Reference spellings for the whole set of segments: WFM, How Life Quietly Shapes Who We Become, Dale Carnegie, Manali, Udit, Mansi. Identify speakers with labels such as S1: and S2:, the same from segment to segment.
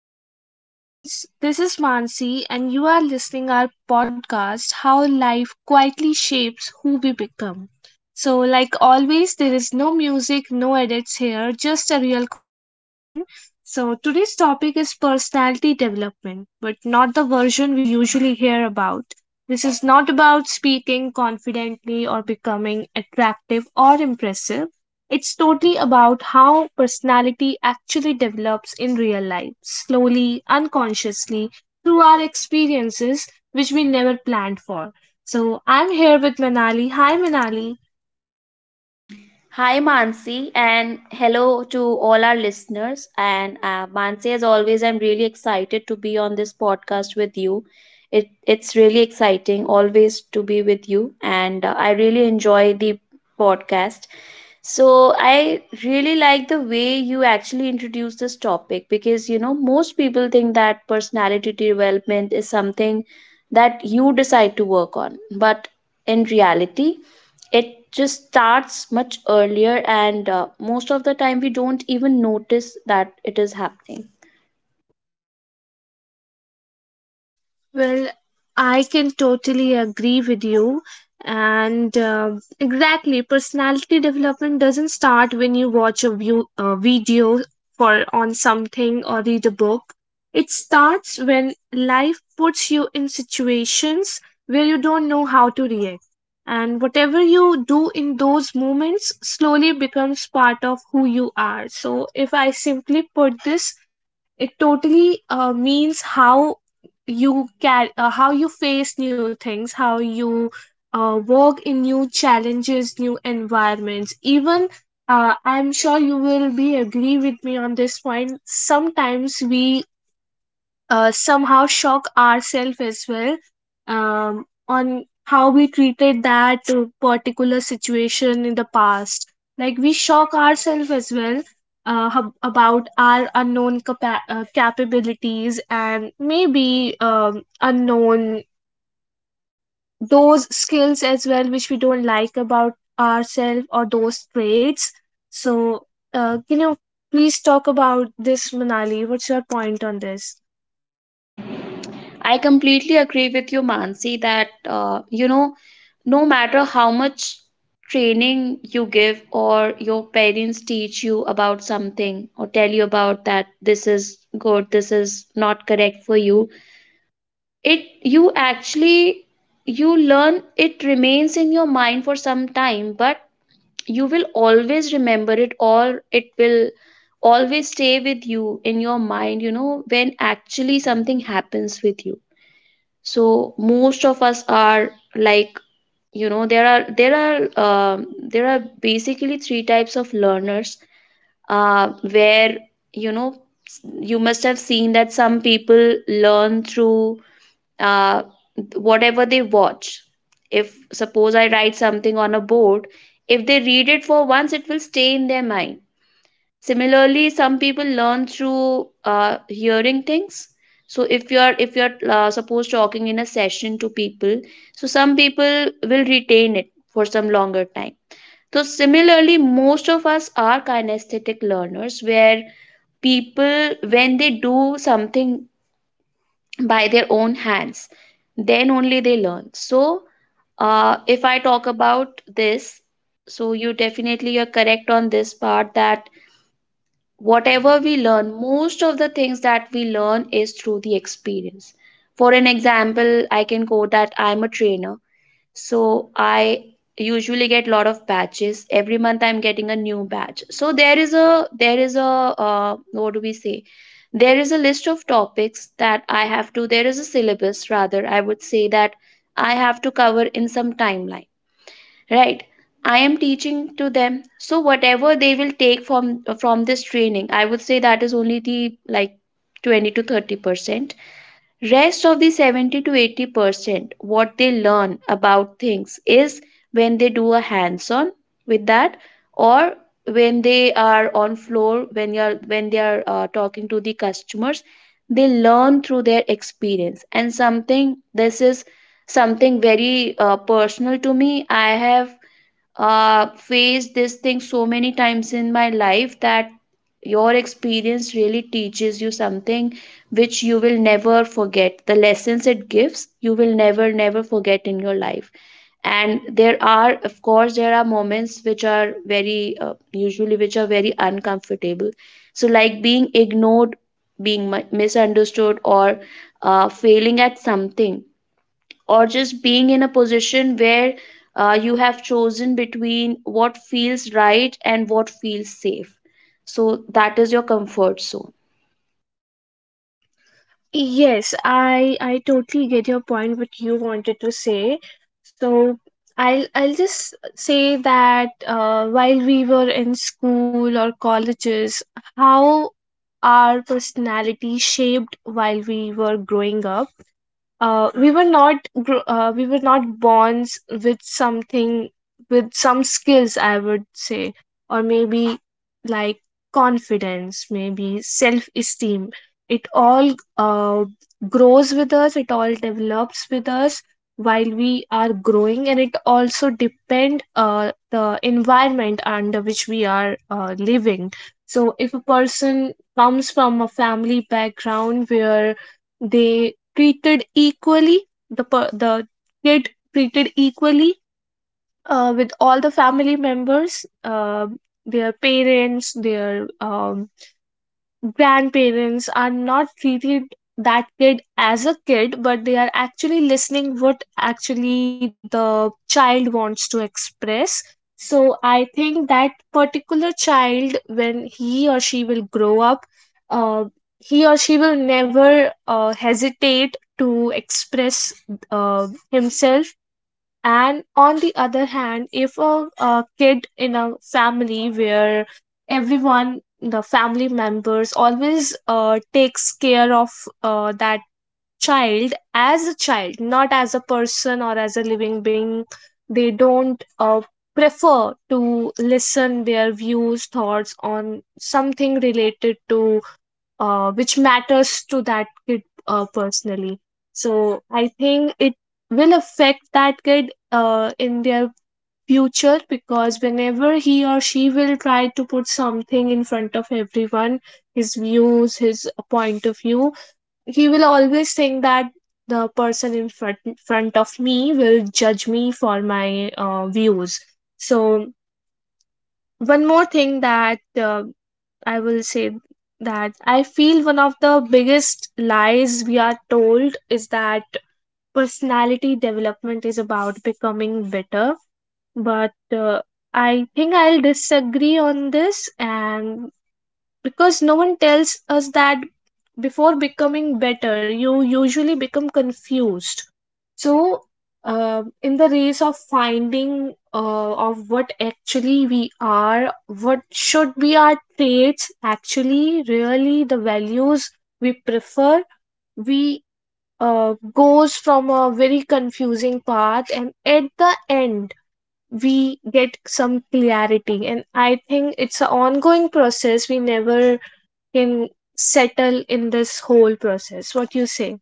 S1: Hello everyone, this is Mansi and you are listening our podcast How Life Quietly Shapes Who We Become. So like always there is no music, no edits here, just a real conversation. So today's topic is personality development, but not the version we usually hear about. This is not about speaking confidently or becoming attractive or impressive. It's totally about how personality actually develops in real life, slowly, unconsciously, through our experiences which we never planned for. So I'm here with Manali. Hi, Manali.
S2: Hi, Mansi, and hello to all our listeners. And Mansi, as always, I'm really excited to be on this podcast with you. It's really exciting always to be with you, and I really enjoy the podcast. So, I really like the way you actually introduce this topic because you know, most people think that personality development is something that you decide to work on, but in reality, it just starts much earlier and most of the time we don't even notice that it is happening.
S1: Well, I can totally agree with you. And exactly, personality development doesn't start when you watch a video for on something or read a book. It starts when life puts you in situations where you don't know how to react. And whatever you do in those moments slowly becomes part of who you are. So, if I simply put this, it totally means how you face new things, how you work in new challenges, new environments. Even, I'm sure you will be agree with me on this point. Sometimes we somehow shock ourselves as well, on how we treated that particular situation in the past. Like we shock ourselves as well about our unknown capabilities and maybe unknown those skills as well which we don't like about ourselves or those traits. So, can you please talk about this, Manali? What's your point on this?
S2: I completely agree with you, Mansi, that you know, no matter how much training you give or your parents teach you about something or tell you about that this is good, this is not correct for you, it, you actually, you learn, it remains in your mind for some time, but you will always remember it or it will always stay with you in your mind, you know, when actually something happens with you. So most of us are like, you know, there are there are basically three types of learners, where, you know, you must have seen that some people learn through uh, whatever they watch. If suppose I write something on a board, if they read it for once, it will stay in their mind. Similarly, some people learn through hearing things. So if you're suppose talking in a session to people, so some people will retain it for some longer time. So similarly, most of us are kinesthetic learners, where people when they do something by their own hands, then only they learn. So if I talk about this, so you definitely, you're correct on this part that whatever we learn, most of the things that we learn is through the experience. For an example, I can quote that I'm a trainer. So I usually get lot of batches every month. I'm getting a new batch, so there is a what do we say, there is a list of topics that I have to, there is a syllabus rather, I would say that I have to cover in some timeline, right? I am teaching to them, so whatever they will take from this training, I would say that is only the, like, 20 to 30%. Rest of the 70 to 80% what they learn about things is when they do a hands on with that, or when they are on floor, when you are, when they are talking to the customers, they learn through their experience. And something, this is something very personal to me. I have faced this thing so many times in my life that your experience really teaches you something which you will never forget. The lessons it gives, you will never, never forget in your life. And there are, of course, there are moments which are very, usually, which are very uncomfortable. So, like being ignored, being misunderstood, or failing at something, or just being in a position where you have chosen between what feels right and what feels safe. So that is your comfort zone.
S1: Yes, I totally get your point what you wanted to say. So I'll just say that while we were in school or colleges, how our personality shaped while we were growing up. We were not born with something, with some skills I would say, or maybe like confidence, maybe self esteem. It all uh, grows with us, it all develops with us while we are growing, and it also depend the environment under which we are living. So if a person comes from a family background where they treated equally, the kid treated equally with all the family members, their parents, their um, grandparents are not treated that kid as a kid, but they are actually listening what actually the child wants to express. So I think that particular child, when he or she will grow up, uh, he or she will never hesitate to express himself. And on the other hand, if a kid in a family where everyone, the family members, always takes care of that child as a child, not as a person or as a living being, they don't prefer to listen their views, thoughts on something related to which matters to that kid personally. So I think it will affect that kid in their future, because whenever he or she will try to put something in front of everyone, his views, his point of view, he will always think that the person in front of me will judge me for my views. So one more thing that I will say, that I feel one of the biggest lies we are told is that personality development is about becoming better. But I think I'll disagree on this, and because no one tells us that before becoming better, you usually become confused. So, in the race of finding of what actually we are, what should be our traits, actually, really the values we prefer, we goes from a very confusing path, and at the end we get some clarity. And I think it's an ongoing process. We never can settle in this whole process. What you say?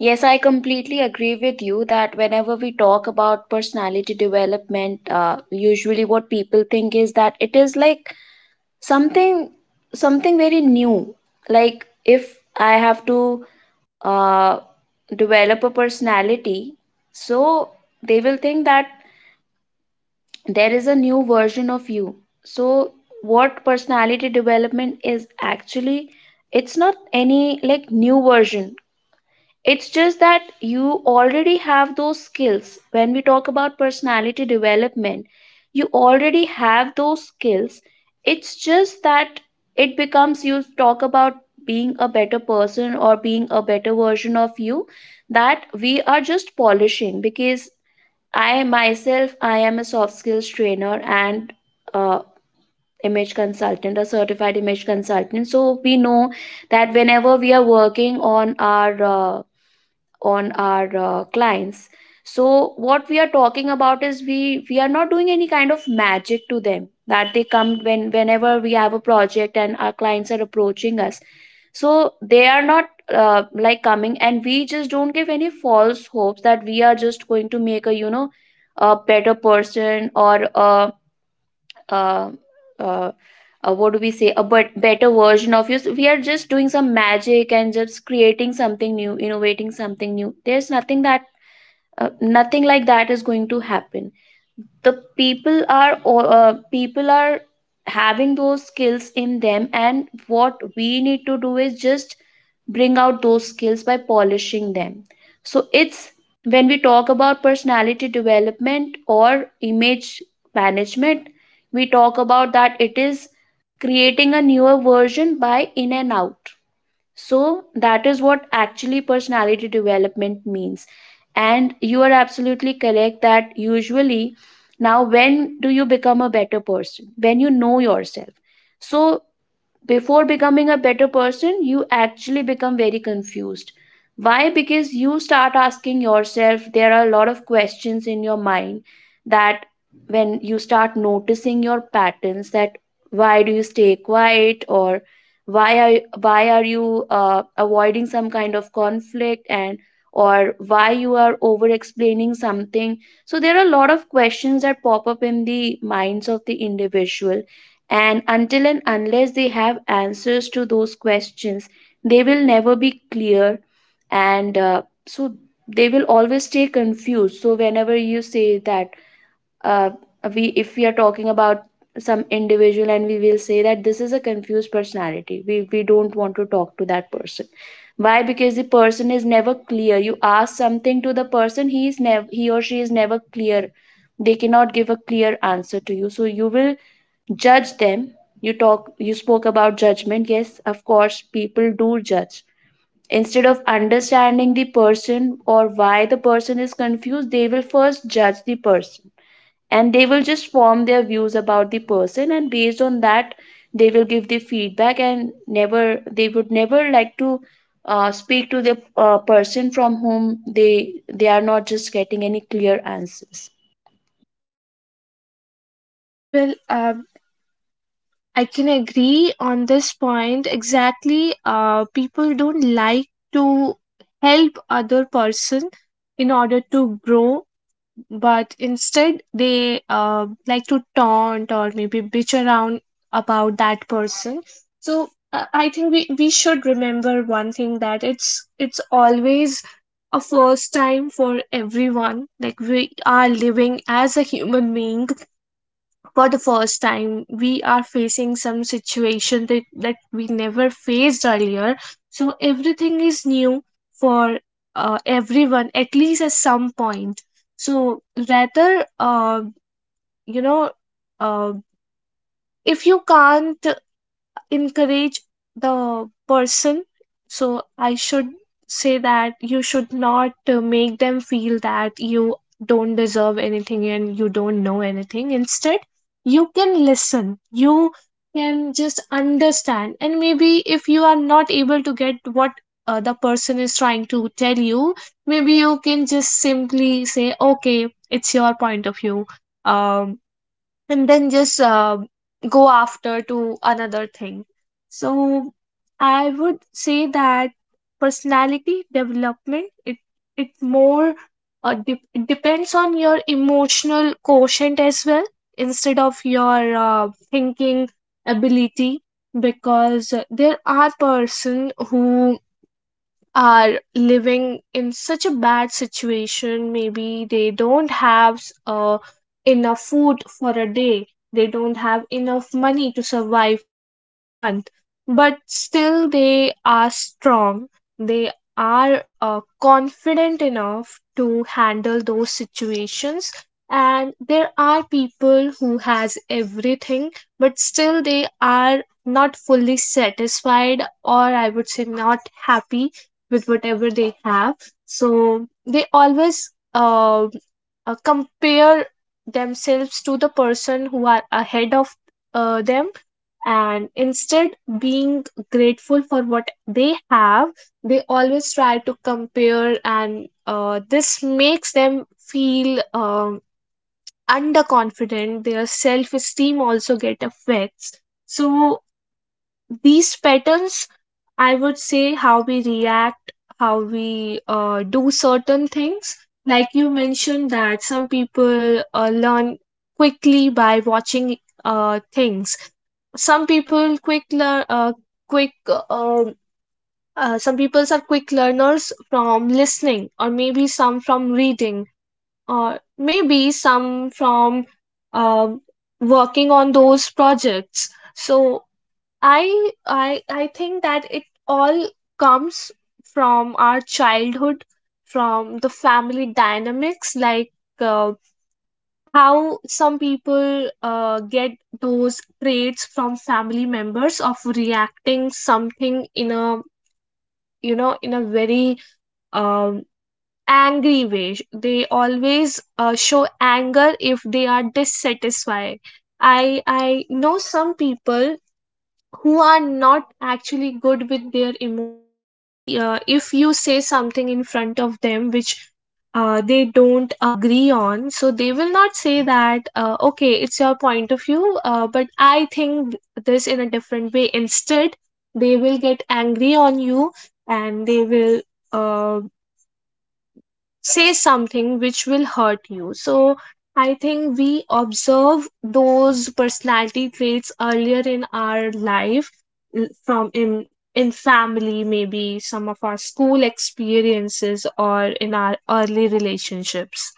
S2: Yes, I completely agree with you that whenever we talk about personality development, usually what people think is that it is like something something very new. Like if I have to uh, develop a personality, so they will think that there is a new version of you. So what personality development is actually, it's not any like new version. It's just that you already have those skills. When we talk about personality development, you already have those skills. It's just that it becomes, you talk about being a better person or being a better version of you, that we are just polishing. Because I myself, I am a soft skills trainer and uh, image consultant, a certified image consultant. So we know that whenever we are working on our uh, clients, so what we are talking about is we are not doing any kind of magic to them, that they come when, whenever we have a project and our clients are approaching us, so they are not like coming, and we just don't give any false hopes that we are just going to make a, you know, a better person or a uh, uh, what do we say, a but better version of you, so we are just doing some magic and just creating something new, innovating something new. There's nothing that nothing like that is going to happen. The people are people are having those skills in them, and what we need to do is just bring out those skills by polishing them. So it's, when we talk about personality development or image management, we talk about that it is creating a newer version by in and out. So that is what actually personality development means. And you are absolutely correct that usually, now when do you become a better person? When you know yourself. So before becoming a better person, you actually become very confused. Why? Because you start asking yourself, there are a lot of questions in your mind that when you start noticing your patterns, that why do you stay quiet, or why are you avoiding some kind of conflict, and or why you are over explaining something. So there are a lot of questions that pop up in the minds of the individual, and until and unless they have answers to those questions, they will never be clear. And so they will always stay confused. So, whenever you say that, uh, we, if we are talking about some individual, and we will say that this is a confused personality, we don't want to talk to that person. Why? Because the person is never clear. You ask something to the person, he or she is never clear. They cannot give a clear answer to you. So you will judge them. You talk, you spoke about judgment. Yes, of course, people do judge. Instead of understanding the person or why the person is confused, they will first judge the person, and they will just form their views about the person, and based on that they will give the feedback, and never they would never like to speak to the person from whom they are not just getting any clear answers.
S1: Well, I can agree on this point exactly. People don't like to help other person in order to grow, but instead they like to taunt or maybe bitch around about that person. So I think we should remember one thing, that it's always a first time for everyone. Like we are living as a human being for the first time, we are facing some situation that we never faced earlier, so everything is new for everyone at least at some point. So rather, you know uh, if you can't encourage the person, so I should say that you should not make them feel that you don't deserve anything and you don't know anything. Instead, you can listen, you can just understand, and maybe if you are not able to get what the person is trying to tell you, maybe you can just simply say, okay, it's your point of view, um and then just go after to another thing. So I would say that personality development, it more it depends on your emotional quotient as well, instead of your thinking ability. Because there are person who are living in such a bad situation, maybe they don't have uh, enough food for a day, they don't have enough money to survive for a month, but still they are strong, they are confident enough to handle those situations. And there are people who has everything, but still they are not fully satisfied, or I would say not happy with whatever they have. So they always compare themselves to the person who are ahead of them, and instead being grateful for what they have, they always try to compare, and this makes them feel underconfident, their self esteem also get affects. So these patterns, I would say, how we react, how we do certain things, like you mentioned that some people learn quickly by watching things. Some people quick learn quick Some peoples are quick learners from listening, or maybe some from reading, or maybe some from um working on those projects. So I think that it all comes from our childhood, from the family dynamics, like uh, how some people get those traits from family members of reacting something in a, in a very um, angry way. They always show anger if they are dissatisfied. I know some people who are not actually good with their emotions. If you say something in front of them which they don't agree on, so they will not say that, okay, it's your point of view, but I think this in a different way. Instead, they will get angry on you, and they will Uh, say something which will hurt you. So I think we observe those personality traits earlier in our life, from in family, maybe some of our school experiences or in our early relationships.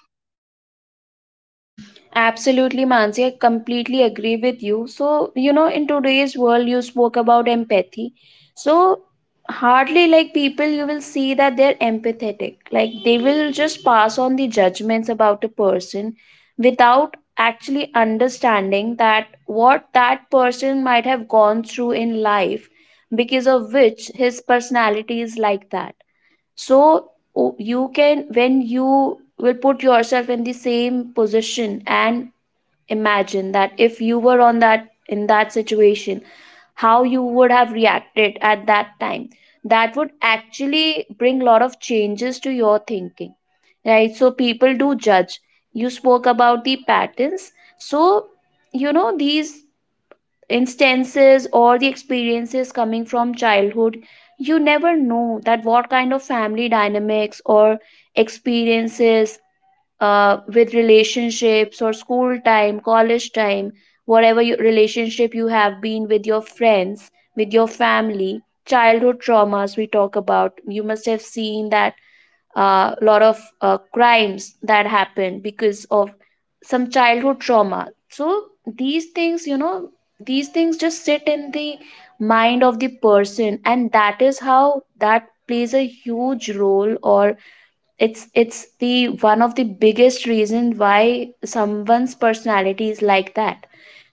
S2: Absolutely, Mansi. I completely agree with you. So, you know, in today's world, you spoke about empathy. So, hardly like people, you will see that they're empathetic. Like, they will just pass on the judgments about a person without actually understanding that what that person might have gone through in life, because of which his personality is like that. So, you can, when you will put yourself in the same position and imagine that if you were on that, in that situation, how you would have reacted at that time, that would actually bring a lot of changes to your thinking, right? So people do judge. You spoke about the patterns. So, you know, these instances or the experiences coming from childhood, you never know that what kind of family dynamics or experiences with relationships or school time, college time, relationship you have been with your friends, with your family, childhood traumas we talk about. You must have seen that a lot of crimes that happen because of some childhood trauma. So these things, these things just sit in the mind of the person, and that is how that plays a huge role or it's the one of the biggest reason why someone's personality is like that.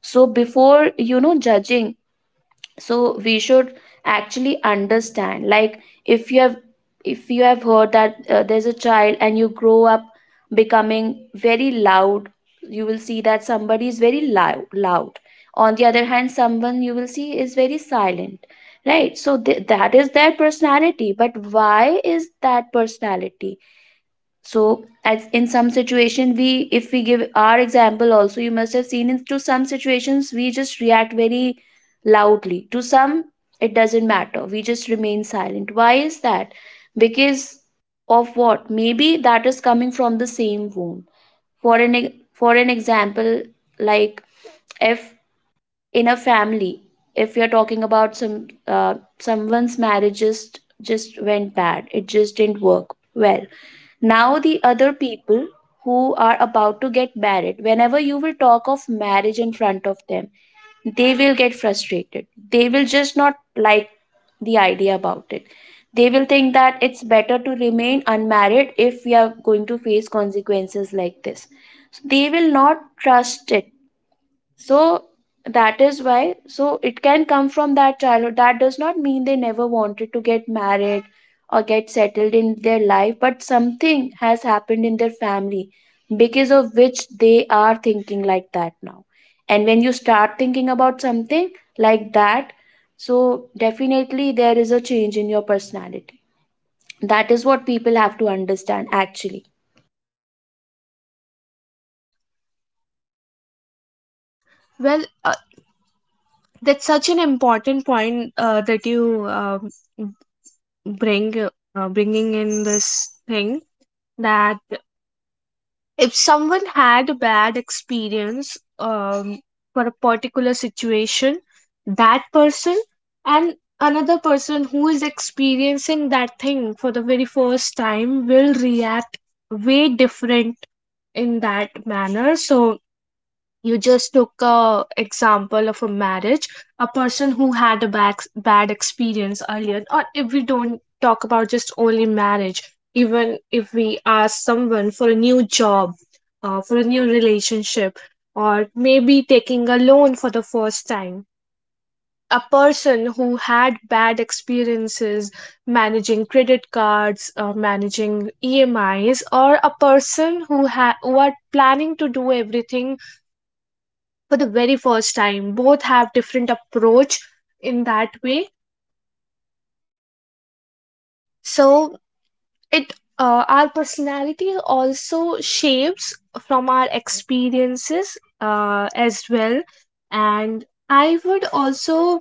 S2: So before judging, so we should actually understand, like, if you have heard that there's a child and you grow up becoming very loud, you will see that somebody is very loud. On the other hand, someone you will see is very silent, right? So that is their personality, but why is that personality? So as in some situation, we, if we give our example also, you must have seen, in to some situations we just react very loudly to some, it doesn't matter, we just remain silent. Why is that? Because of what? Maybe that is coming from the same wound. For for an example, like, if in a family, if you're talking about some someone's marriage just went bad, it just didn't work well. Now the other people who are about to get married, whenever you will talk of marriage in front of them, they will get frustrated. They will just not like the idea about it. They will think that it's better to remain unmarried if we are going to face consequences like this. So they will not trust it. So that is why, so it can come from that childhood. That does not mean they never wanted to get married or get settled in their life, but something has happened in their family because of which they are thinking like that now. And when you start thinking about something like that, so definitely there is a change in your personality. That is what people have to understand actually.
S1: Well that's such an important point that you bringing in this thing, that if someone had a bad experience for a particular situation, that person and another person who is experiencing that thing for the very first time will react way different in that manner. So, you just took a example of a marriage, a person who had a bad experience earlier, or if we don't talk about just only marriage, even if we ask someone for a new job, for a new relationship, or maybe taking a loan for the first time. A person who had bad experiences managing credit cards, managing emis, or a person who are planning to do everything for the very first time, both have different approach in that way. So it our personality also shapes from our experiences as well. And I would also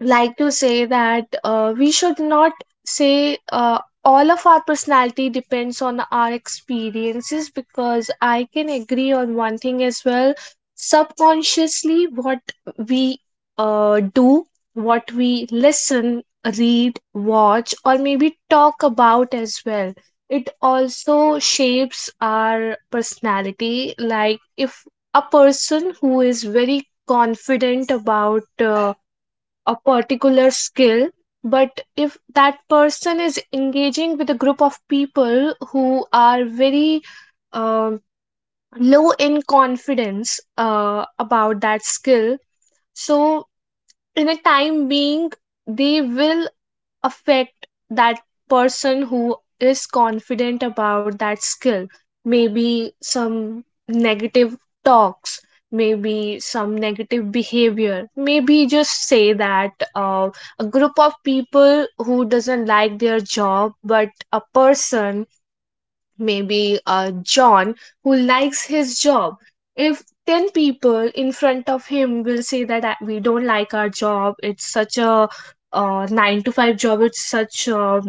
S1: like to say that we should not say all of our personality depends on our experiences, because I can agree on one thing as well. Subconsciously, what we do, what we listen, read, watch, or maybe talk about as well, it also shapes our personality. Like if a person who is very confident about a particular skill, but if that person is engaging with a group of people who are very um low in confidence about that skill, so in a time being they will affect that person who is confident about that skill. Maybe some negative talks, maybe some negative behavior, maybe just say that a group of people who doesn't like their job, but a person, maybe John, who likes his job. If 10 people in front of him will say that, "We don't like our job, it's such a 9 to 5 job, it's such a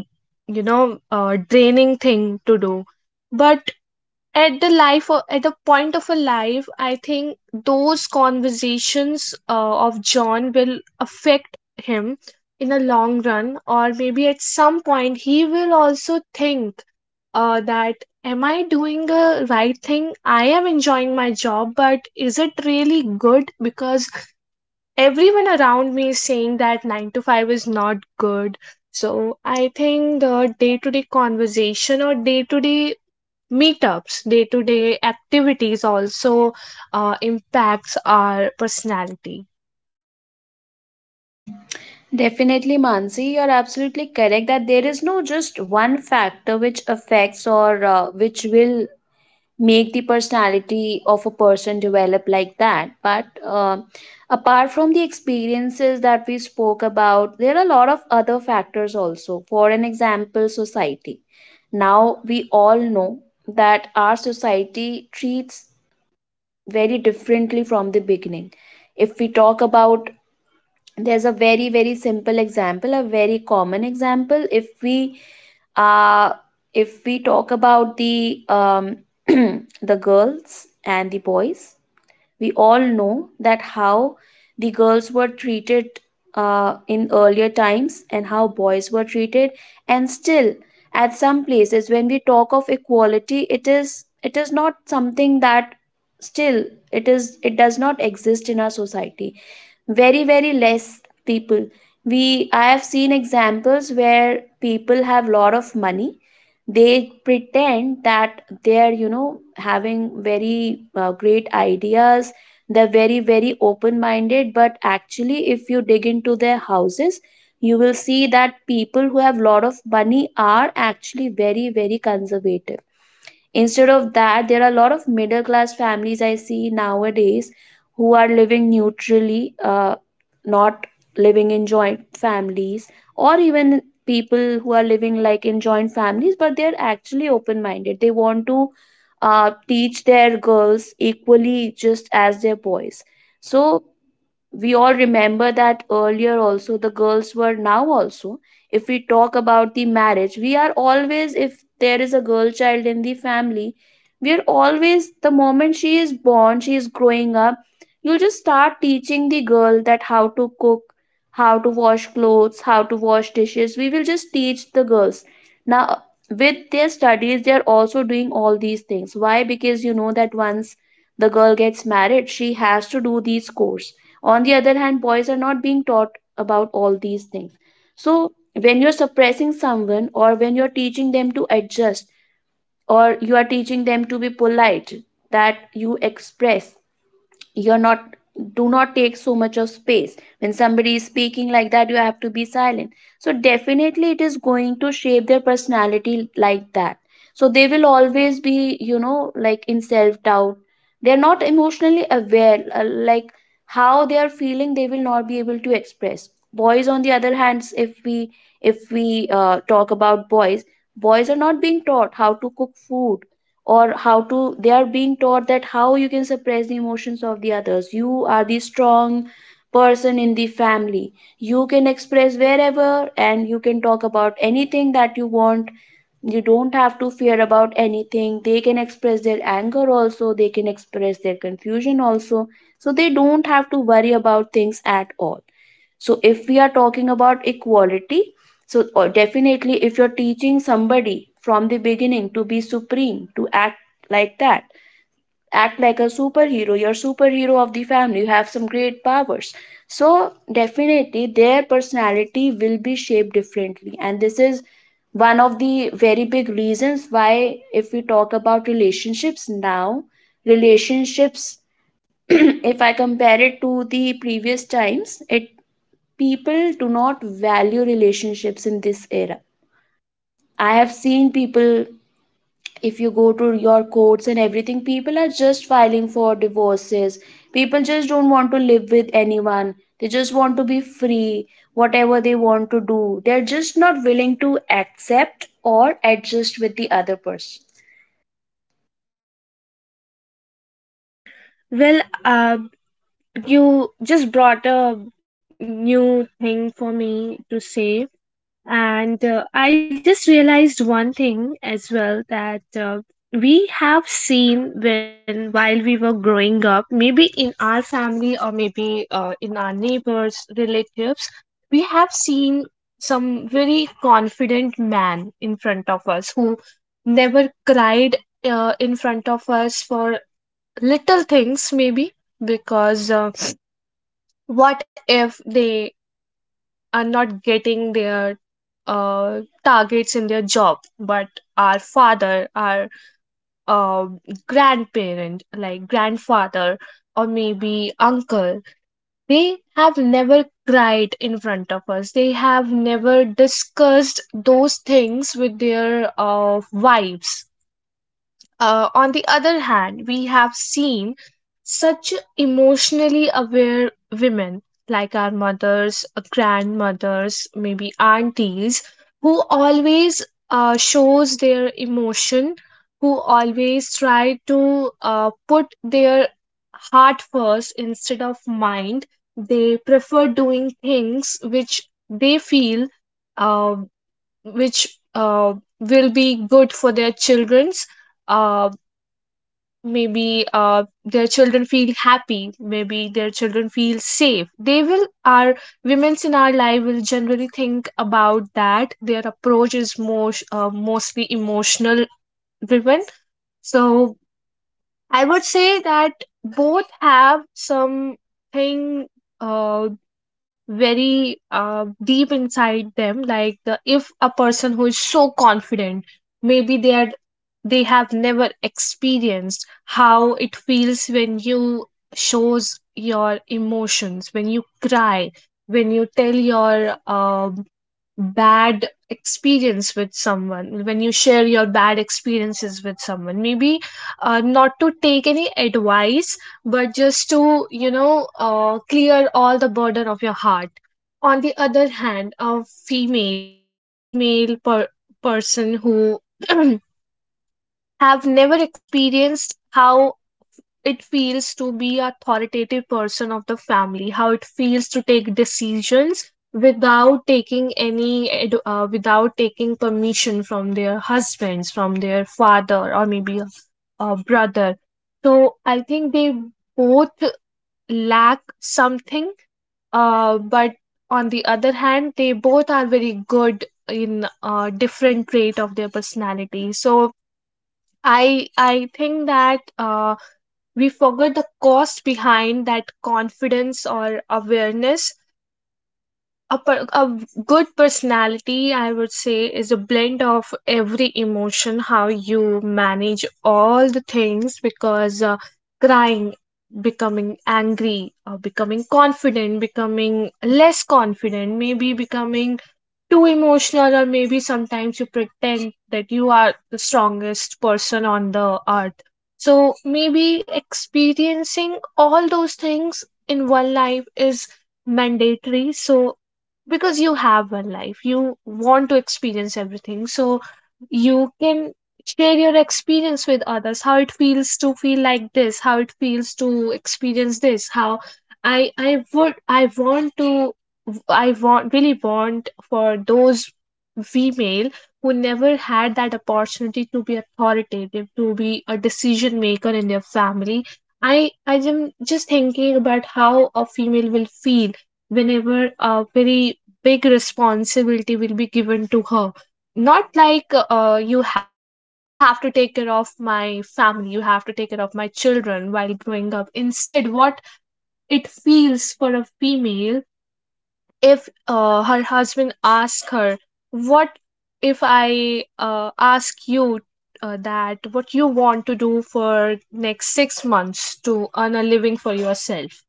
S1: draining thing to do." But at the life o- at the point of a life, I think those conversations of John will affect him in a long run, or maybe at some point he will also think that am I doing the right thing? I am enjoying my job, but is it really good? Because everyone around me is saying that 9 to 5 is not good. So I think the day to day conversation, or day to day meetups, day to day activities also impacts our personality.
S2: Definitely, Mansi, you're absolutely correct that there is no just one factor which affects or which will make the personality of a person develop like that. But apart from the experiences that we spoke about, there are a lot of other factors also. For an example, society. Now, we all know that our society treats very differently from the beginning. If we talk about, there's a very simple example, a very common example, uh if we talk about the um, the girls and the boys, we all know that how the girls were treated in earlier times and how boys were treated, and still at some places when we talk of equality, it is not something that still, it does not exist in our society. Very very less people, we I have seen examples where people have lot of money, they pretend that they're having very great ideas, they're very very open minded, but actually if you dig into their houses, you will see that people who have lot of money are actually very very conservative. Instead of that, there are a lot of middle class families I see nowadays who are living neutrally, not living in joint families, or even people who are living like in joint families, but they're actually open minded. They want to teach their girls equally just as their boys. So we all remember that earlier also the girls were, now also if we talk about the marriage, we are always, if there is a girl child in the family, we are always, the moment she is born, she is growing up, you'll just start teaching the girl that how to cook, how to wash clothes, how to wash dishes, we will just teach the girls. Now with their studies, they are also doing all these things. Why? Because you know that once the girl gets married, she has to do these courses. On the other hand, boys are not being taught about all these things. So, when you're suppressing someone or when you're teaching them to adjust or you are teaching them to be polite, that you express, you're not, do not take so much of space when somebody is speaking, like that you have to be silent. So definitely it is going to shape their personality like that. So they will always be, like, in self doubt. They're not emotionally aware, like, how they are feeling they will not be able to express. Boys on the other hand, if we talk about boys, boys are not being taught how to cook food or how to, they are being taught that how you can suppress the emotions of the others, you are the strong person in the family, you can express wherever and you can talk about anything that you want, you don't have to fear about anything, they can express their anger also, they can express their confusion also. So they don't have to worry about things at all. So if we are talking about equality, so, or definitely if you're teaching somebody from the beginning to be supreme, to act like that, act like a superhero, you're superhero of the family, you have some great powers, so definitely their personality will be shaped differently. And this is one of the very big reasons why, if we talk about relationships now, relationships, if I compare it to the previous times, it, people do not value relationships in this era. I have seen people, if you go to your courts and everything, people are just filing for divorces. People just don't want to live with anyone. They just want to be free. Whatever they want to do, they're just not willing to accept or adjust with the other person.
S1: Well, you just brought a new thing for me to say. And I just realized one thing as well, that we have seen when while we were growing up, maybe in our family or maybe in our neighbors, relatives, we have seen some very confident man in front of us who never cried in front of us for little things, maybe because what if they are not getting their targets in their job? But our father, our uh, grandparent, like grandfather, or maybe uncle, they have never cried in front of us. They have never discussed those things with their wives. On the other hand, we have seen such emotionally aware women, like our mothers, grandmothers, maybe aunties, who always shows their emotion, who always try to put their heart first instead of mind. They prefer doing things which they feel uh, which will be good for their children's, uh, maybe their children feel happy, maybe their children feel safe. They will, our women in our life, will generally think about that. Their approach is more mostly emotional driven. So I would say that both have something uh, very deep inside them. Like if a person who is so confident, maybe they are, they have never experienced how it feels when you shows your emotions, when you cry, when you tell your bad experience with someone, when you share your bad experiences with someone, maybe not to take any advice, but just to clear all the burden of your heart. On the other hand, a female person who have never experienced how it feels to be authoritative person of the family, how it feels to take decisions without taking without taking permission from their husbands, from their father, or maybe a brother. So I think they both lack something, but on the other hand they both are very good in different trait of their personality. So I think that we forget the cost behind that confidence or awareness. A good personality, I would say, is a blend of every emotion, how you manage all the things. Because crying, becoming angry, or becoming confident, becoming less confident, maybe becoming too emotional, or maybe sometimes you pretend that you are the strongest person on the earth. So maybe experiencing all those things in one life is mandatory. So because you have one life, you want to experience everything, so you can share your experience with others. How it feels to feel like this, how it feels to experience this, how I want to, I want really want for those female who never had that opportunity to be authoritative, to be a decision maker in their family. i I am just thinking about how a female will feel whenever a very big responsibility will be given to her. Not like, you have, you have to take care of my family, you have to take care of my children while growing up. Instead, what it feels for a female if her husband asks her, what if I ask you that what you want to do for next 6 months to earn a living for yourself?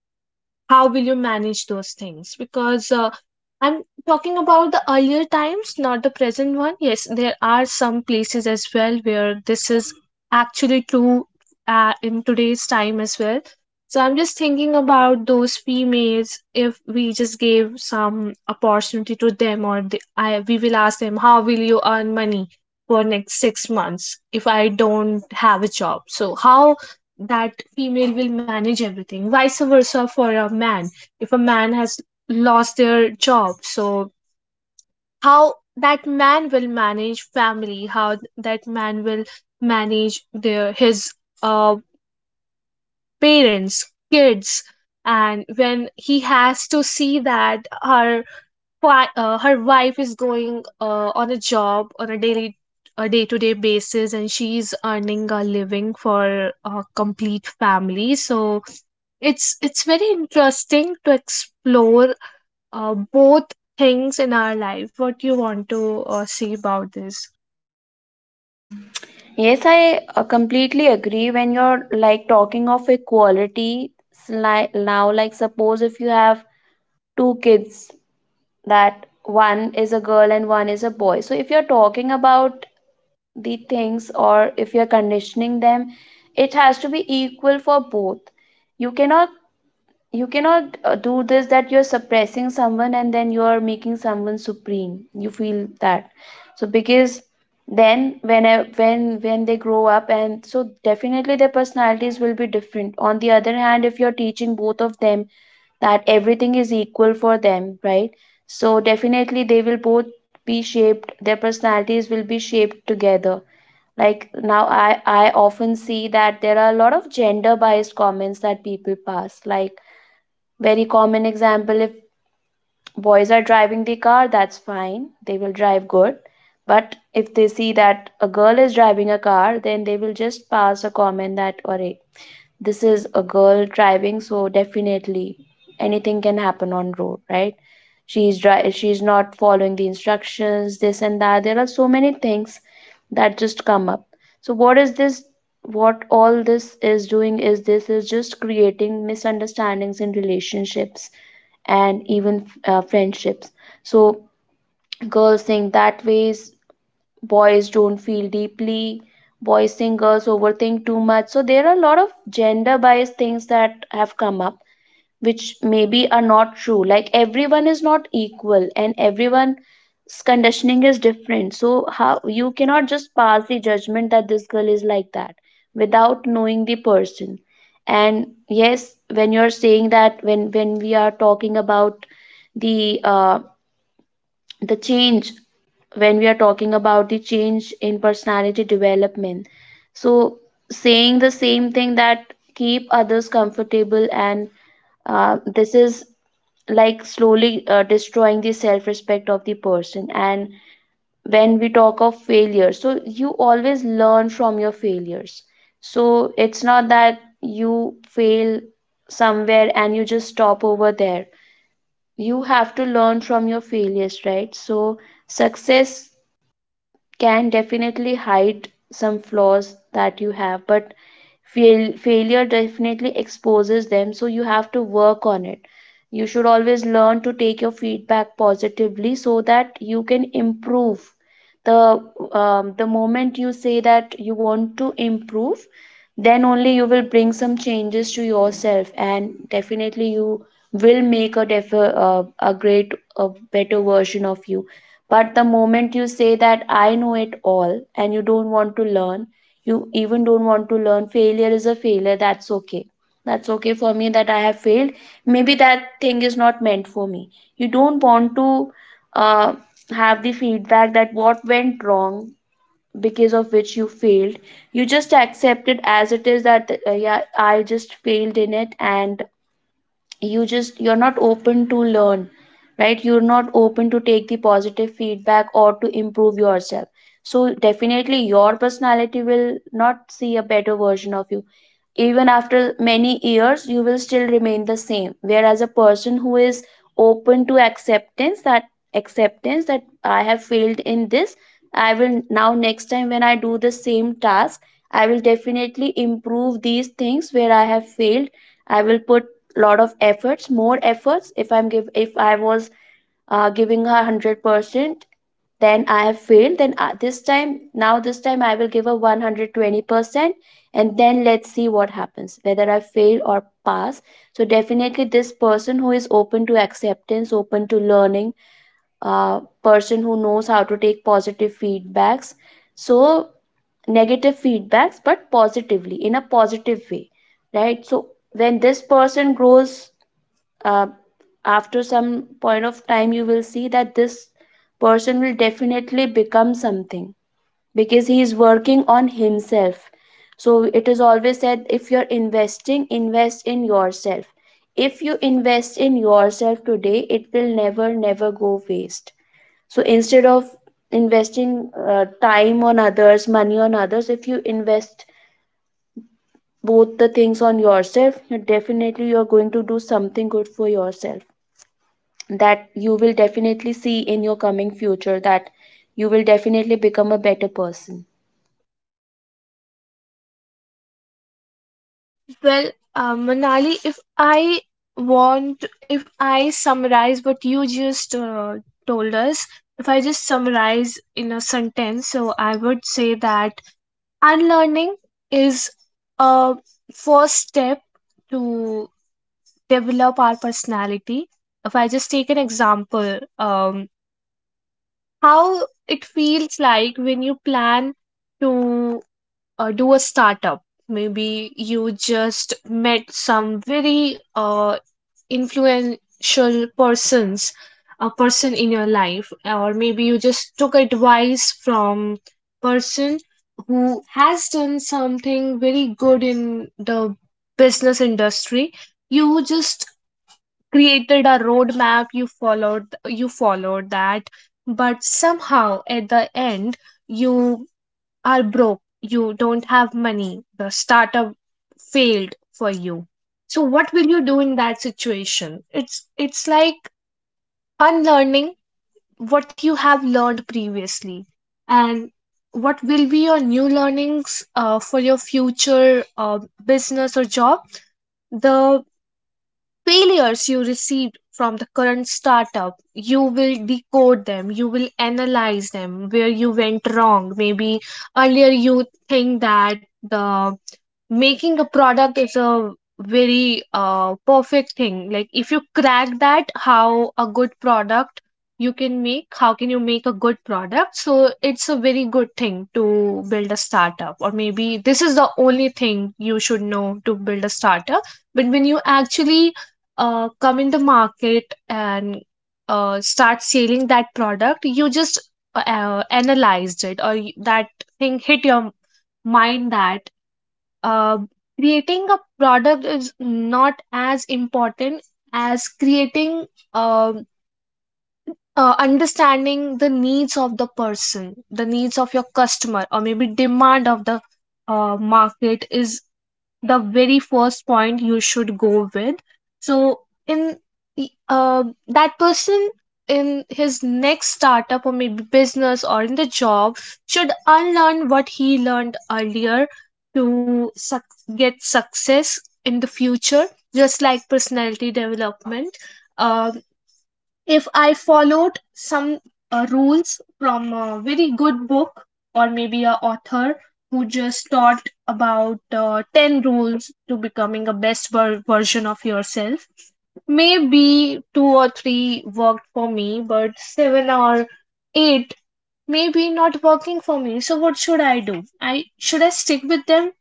S1: How will you manage those things? Because I'm talking about the earlier times, not the present one. Yes, there are some places as well where this is actually true in today's time as well. So I'm just thinking about those females. If we just gave some opportunity to them, or we will ask them, how will you earn money for next 6 months if I don't have a job? So how that female will manage everything? Vice versa for a man. If a man has lost their job, so how that man will manage family, how that man will manage their his uh, parents, kids? And when he has to see that her wife is going on a job on a day-to-day basis, and she's earning a living for a complete family. So it's very interesting to explore both things in our life. What you want to see about this?
S2: Yes, I completely agree when you're like talking of equality. Like now, like suppose if you have two kids, that one is a girl and one is a boy, so if you're talking about the things, or if you're conditioning them, it has to be equal for both. you cannot you cannot do this, that you're suppressing someone and then you're making someone supreme, you feel that. So because then when they grow up, and so definitely their personalities will be different. On the other hand, if you're teaching both of them that everything is equal for them, right, so definitely they will both be shaped, their personalities will be shaped together. Like now, I often see that there are a lot of gender biased comments that people pass. Like, very common example, if boys are driving the car, that's fine, they will drive good, but if they see that a girl is driving a car, then they will just pass a comment that, or this is a girl driving, so definitely anything can happen on road, right, she's not following the instructions, this and that, there are so many things that just come up. So what is this, what all this is doing is, this is just creating misunderstandings in relationships and even friendships. So girls think that ways, boys don't feel deeply, boys think girls overthink too much, so there are a lot of gender bias things that have come up, which maybe are not true. Like, everyone is not equal and everyone's conditioning is different, so how, you cannot just pass the judgment that this girl is like that without knowing the person. And yes, when you're saying that, when we are talking about the uh, the change, when we are talking about the change in personality development, so saying the same thing that keep others comfortable, and this is like slowly destroying the self respect of the person. And when we talk of failure, so you always learn from your failures. So it's not that you fail somewhere and you just stop over there. You have to learn from your failures, right? So success can definitely hide some flaws that you have, but failure definitely exposes them, so you have to work on it. You should always learn to take your feedback positively so that you can improve. The the moment you say that you want to improve, then only you will bring some changes to yourself, and definitely you will make a a great, a better version of you. But the moment you say that I know it all and you don't want to learn, you even don't want to learn, failure is a failure. That's okay. That's okay for me that I have failed. Maybe that thing is not meant for me. You don't want to uh, have the feedback that what went wrong because of which you failed. You just accept it as it is that, yeah, I just failed in it, and you just, you're not open to learn, right, you're not open to take the positive feedback or to improve yourself. So definitely your personality will not see a better version of you. Even after many years, you will still remain the same, whereas a person who is open to acceptance, that acceptance that I have failed in this, I will now, next time when I do the same task, I will definitely improve these things where I have failed. I will put lot of efforts, more efforts. If I was giving her 100%, then I have failed, this time, now this time I will give a 120%, and then let's see what happens, whether I fail or pass. So definitely this person who is open to acceptance, open to learning, person who knows how to take positive feedbacks, so negative feedbacks but positively, in a positive way, right? So when this person grows, uh, after some point of time, you will see that this person will definitely become something because he is working on himself. So it is always said, if you're investing, invest in yourself. If you invest in yourself today, it will never never go waste. So instead of investing time on others, money on others, if you invest both the things on yourself, you definitely, you're going to do something good for yourself. That you will definitely see in your coming future, that you will definitely become a better person.
S1: Well, Manali, want if I summarize what you just told us, if I just summarize in a sentence, so I would say that unlearning is a first step to develop our personality. If I just take an example, um how it feels like when you plan to do a startup. Maybe you just met some very influential persons a person in your life, or maybe you just took advice from person who has done something very good in the business industry. You just created a roadmap, you followed that, but somehow at the end you are broke, you don't have money, the startup failed for you. So what will you do in that situation? it's it's like unlearning what you have learned previously, and what will be your new learnings for your future business or job. The failures you received from the current startup, you will decode them, you will analyze them, where you went wrong. Maybe earlier you think that the making a product is a very perfect thing. Like if you crack that, how a good product you can make, how can you make a good product, so it's a very good thing to build a startup. Or maybe this is the only thing you should know to build a startup. But when you actually come in the market and start selling that product, you just analyzed it, or that thing hit your mind that uh, creating a product is not as important as creating, um understanding the needs of the person, the needs of your customer, or maybe demand of the market is the very first point you should go with. So in that person, in his next startup, or maybe business, or in the job, should unlearn what he learned earlier to suc get success in the future. Just like personality development, um, if I followed some rules from a very good book or maybe a author who just taught about 10 rules to becoming a version of yourself. Maybe two or three worked for me, but seven or eight maybe not working for me, so what should I do? I should i stick with them?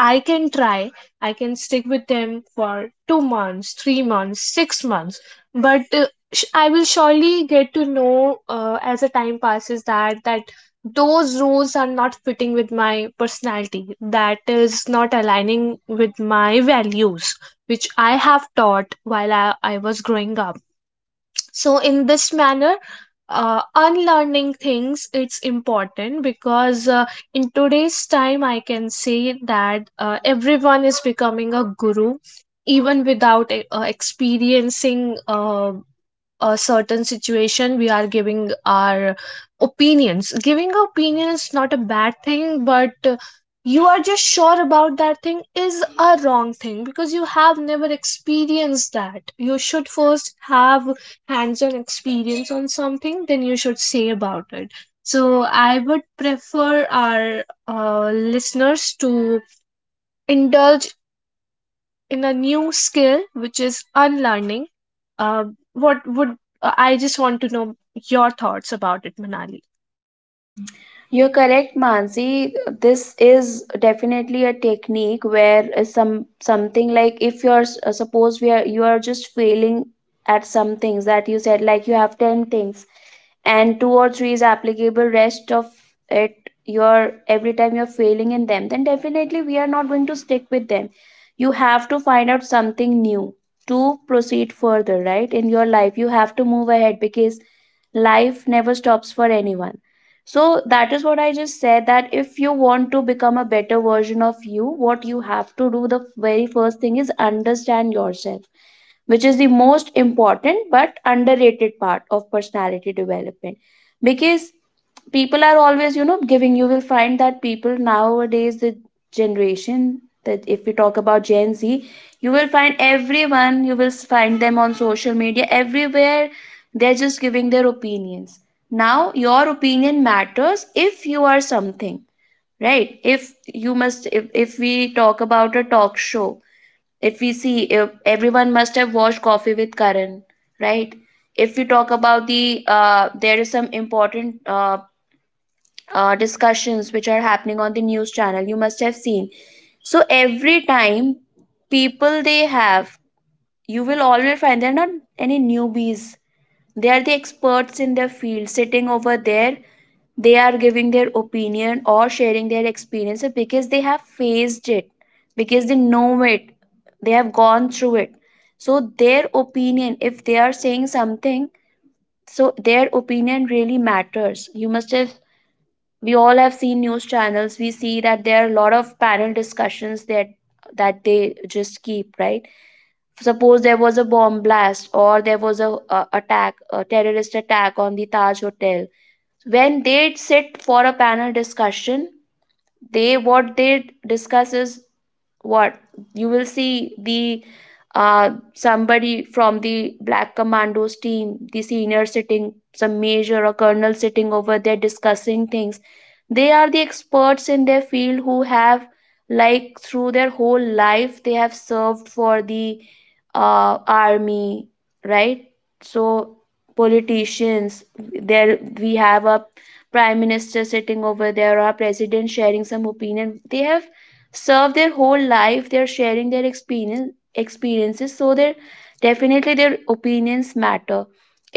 S1: I can try, I can stick with them for 2 months, 3 months, 6 months, but I will surely get to know as the time passes that those rules are not fitting with my personality, that is not aligning with my values, which I have taught while I was growing up. So in this manner, unlearning things, it's important. Because in today's time I can say that everyone is becoming a guru, even without experiencing a certain situation. We are giving our opinions. Giving opinion is not a bad thing, but you are just sure about that thing is a wrong thing because you have never experienced that. You should first have hands-on experience on something, then you should say about it. So I would prefer our listeners to indulge in a new skill, which is unlearning. Uh, what would I just want to know your thoughts about it, Manali?
S2: You're correct, Mansi. This is definitely a technique where some Something like if you're suppose we are you are just failing at some things that you said, like you have 10 things and two or three is applicable, rest of it you're every time you're failing in them, then definitely we are not going to stick with them. You have to find out something new to proceed further, right? In your life you have to move ahead because life never stops for anyone. So that is what I just said, that if you want to become a better version of you, what you have to do, the very first thing is understand yourself, which is the most important but underrated part of personality development. Because people are always, you know, giving, you will find that people nowadays, the generation, that if we talk about Gen Z, you will find everyone, you will find them on social media everywhere, they're just giving their opinions. Now, your opinion matters if you are something, right? If you must, if we talk about a talk show, if we see, if everyone must have watched Coffee with Karan, right? If we talk about the there is some important discussions which are happening on the news channel, you must have seen. So every time people, they have, you will always find they're not any newbies, they are the experts in their field sitting over there. They are giving their opinion or sharing their experiences because they have faced it, because they know it, they have gone through it. So their opinion, if they are saying something, so their opinion really matters. You must have, we all have seen news channels, we see that there are a lot of panel discussions that that they just keep, right? Suppose there was a bomb blast, or there was a attack, a terrorist attack on the Taj Hotel. When they sit for a panel discussion, they, what they discuss is, what, you will see the somebody from the Black Commandos team, the senior sitting, some major or colonel sitting over there discussing things. They are the experts in their field who have, like through their whole life they have served for the army, right? So, politicians, there we have a prime minister sitting over there, or our president, sharing some opinion. They have served their whole life, they are sharing their experience, experiences, so their, definitely their opinions matter.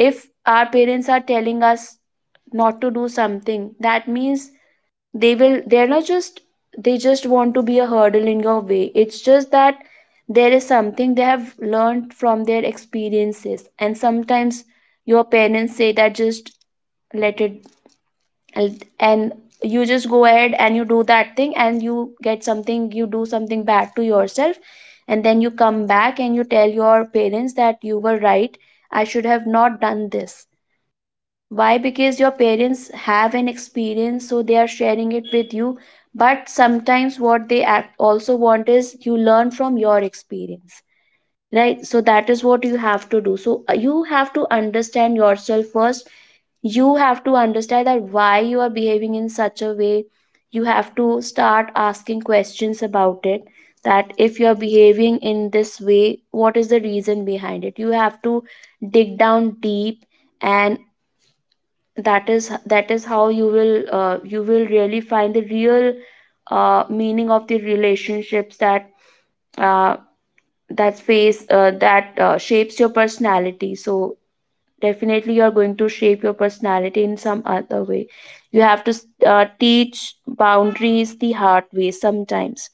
S2: If our parents are telling us not to do something, that means they will, they're not just, they just want to be a hurdle in your way, it's just that there is something they have learned from their experiences. And sometimes your parents say that, just let it, and and you just go ahead and you do that thing, and you get something, you do something bad to yourself, and then you come back and you tell your parents that you were right, I should have not done this. Why? Because your parents have an experience, so they are sharing it with you. But sometimes what they act also want is you learn from your experience, right? So that is what you have to do. So you have to understand yourself first. You have to understand that why you are behaving in such a way. You have to start asking questions about it, that if you are behaving in this way, what is the reason behind it. You have to dig down deep, and that is, that is how you will really find the real meaning of the relationships, that uh, that phase, that shapes your personality. So definitely you're going to shape your personality in some other way. You have to teach boundaries the hard way sometimes,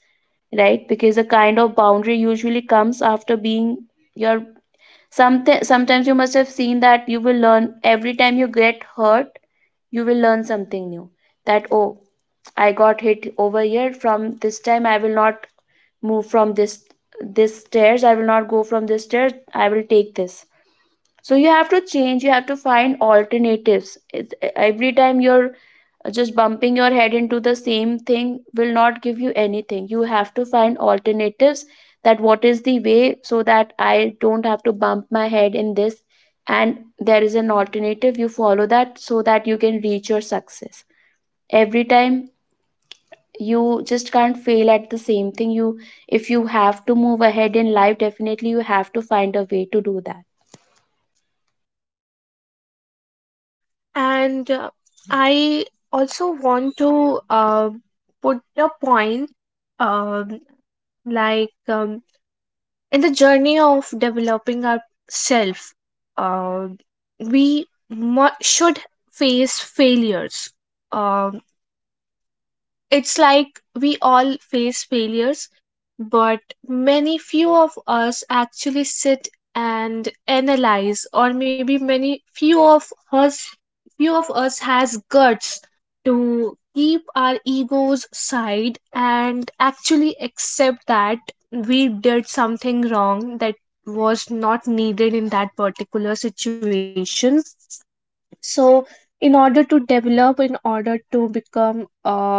S2: right? Because a kind of boundary usually comes after being your, something. Sometimes you must have seen that you will learn, every time you get hurt you will learn something new, that, oh, I got hit over here, from this time I will not move from this, this stairs, I will not go from this stairs, I will take this. So you have to change, you have to find alternatives. It's, every time you're just bumping your head into the same thing will not give you anything. You have to find alternatives, that what is the way so that I don't have to bump my head in this, and there is an alternative, you follow that, so that you can reach your success. Every time you just can't fail at the same thing. You, if you have to move ahead in life, definitely you have to find a way to do that.
S1: And I also want to put a point, um, like in the journey of developing ourself, uh, we should face failures. Um it's like we all face failures, but many few of us actually sit and analyze, or maybe many few of us has guts to keep our egos side and actually accept that we did something wrong that was not needed in that particular situation. So in order to develop, in order to become a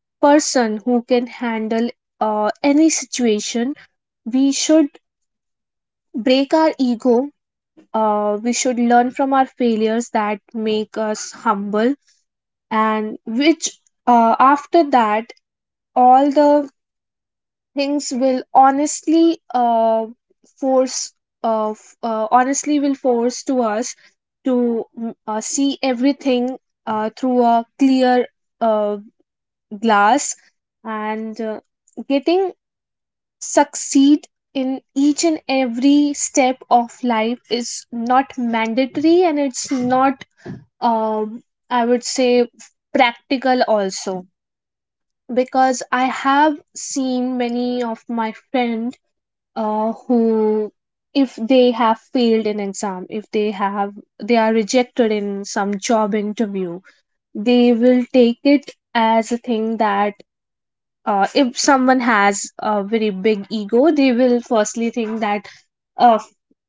S1: person who can handle any situation, we should break our ego. Uh, we should learn from our failures that make us humble, and which after that all the things will honestly force honestly will force to us to see everything through a clear uh, glass. And getting succeed in each and every step of life is not mandatory, and it's not um, I would say practical also, because I have seen many of my friend who if they have failed an exam, if they have, they are rejected in some job interview, they will take it as a thing that if someone has a very big ego, they will firstly think that uh,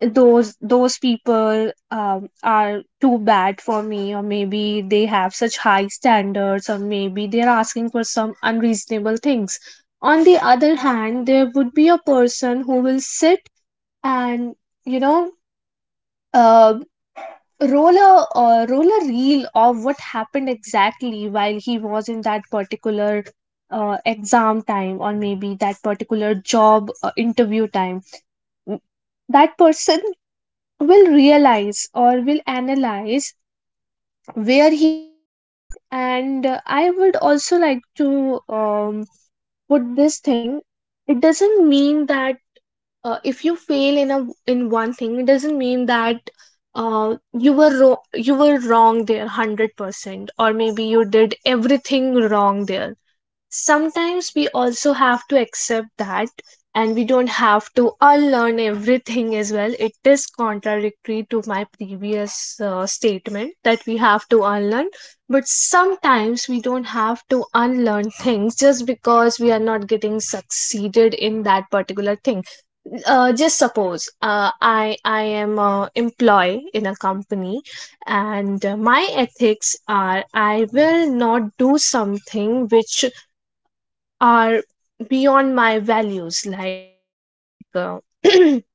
S1: those people are too bad for me, or maybe they have such high standards, or maybe they're asking for some unreasonable things. On the other hand, there would be a person who will sit and, you know, uh, roll a reel of what happened exactly while he was in that particular exam time, or maybe that particular job interview time. M- that person will realize or will analyze where he went wrong. And I would also like to put this thing. It doesn't mean that if you fail in a, in one thing, it doesn't mean that uh, you were ro- you were wrong there 100% or maybe you did everything wrong there. Sometimes we also have to accept that, and we don't have to unlearn everything as well. It is contradictory to my previous statement that we have to unlearn, but sometimes we don't have to unlearn things just because we are not getting succeeded in that particular thing. Just suppose, I am a employee in a company, and my ethics are, I will not do something which are beyond my values, like,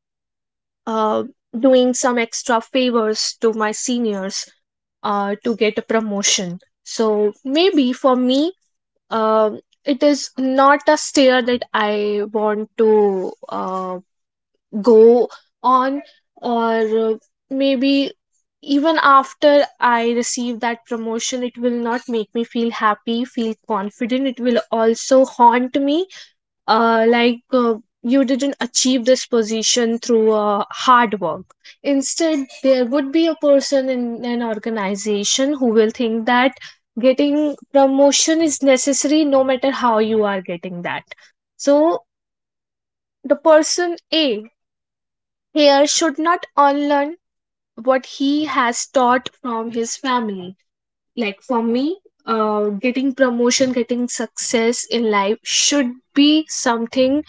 S1: uh, doing some extra favors to my seniors to get a promotion. So maybe for me, uh, it is not a stair that I want to go on, or maybe even after I receive that promotion, it will not make me feel happy, feel confident. It will also haunt me, like, you didn't achieve this position through hard work. Instead, there would be a person in an organization who will think that getting promotion is necessary, no matter how you are getting that. So, the person A here should not unlearn what he has taught from his family. Like for me, getting promotion, getting success in life should be something,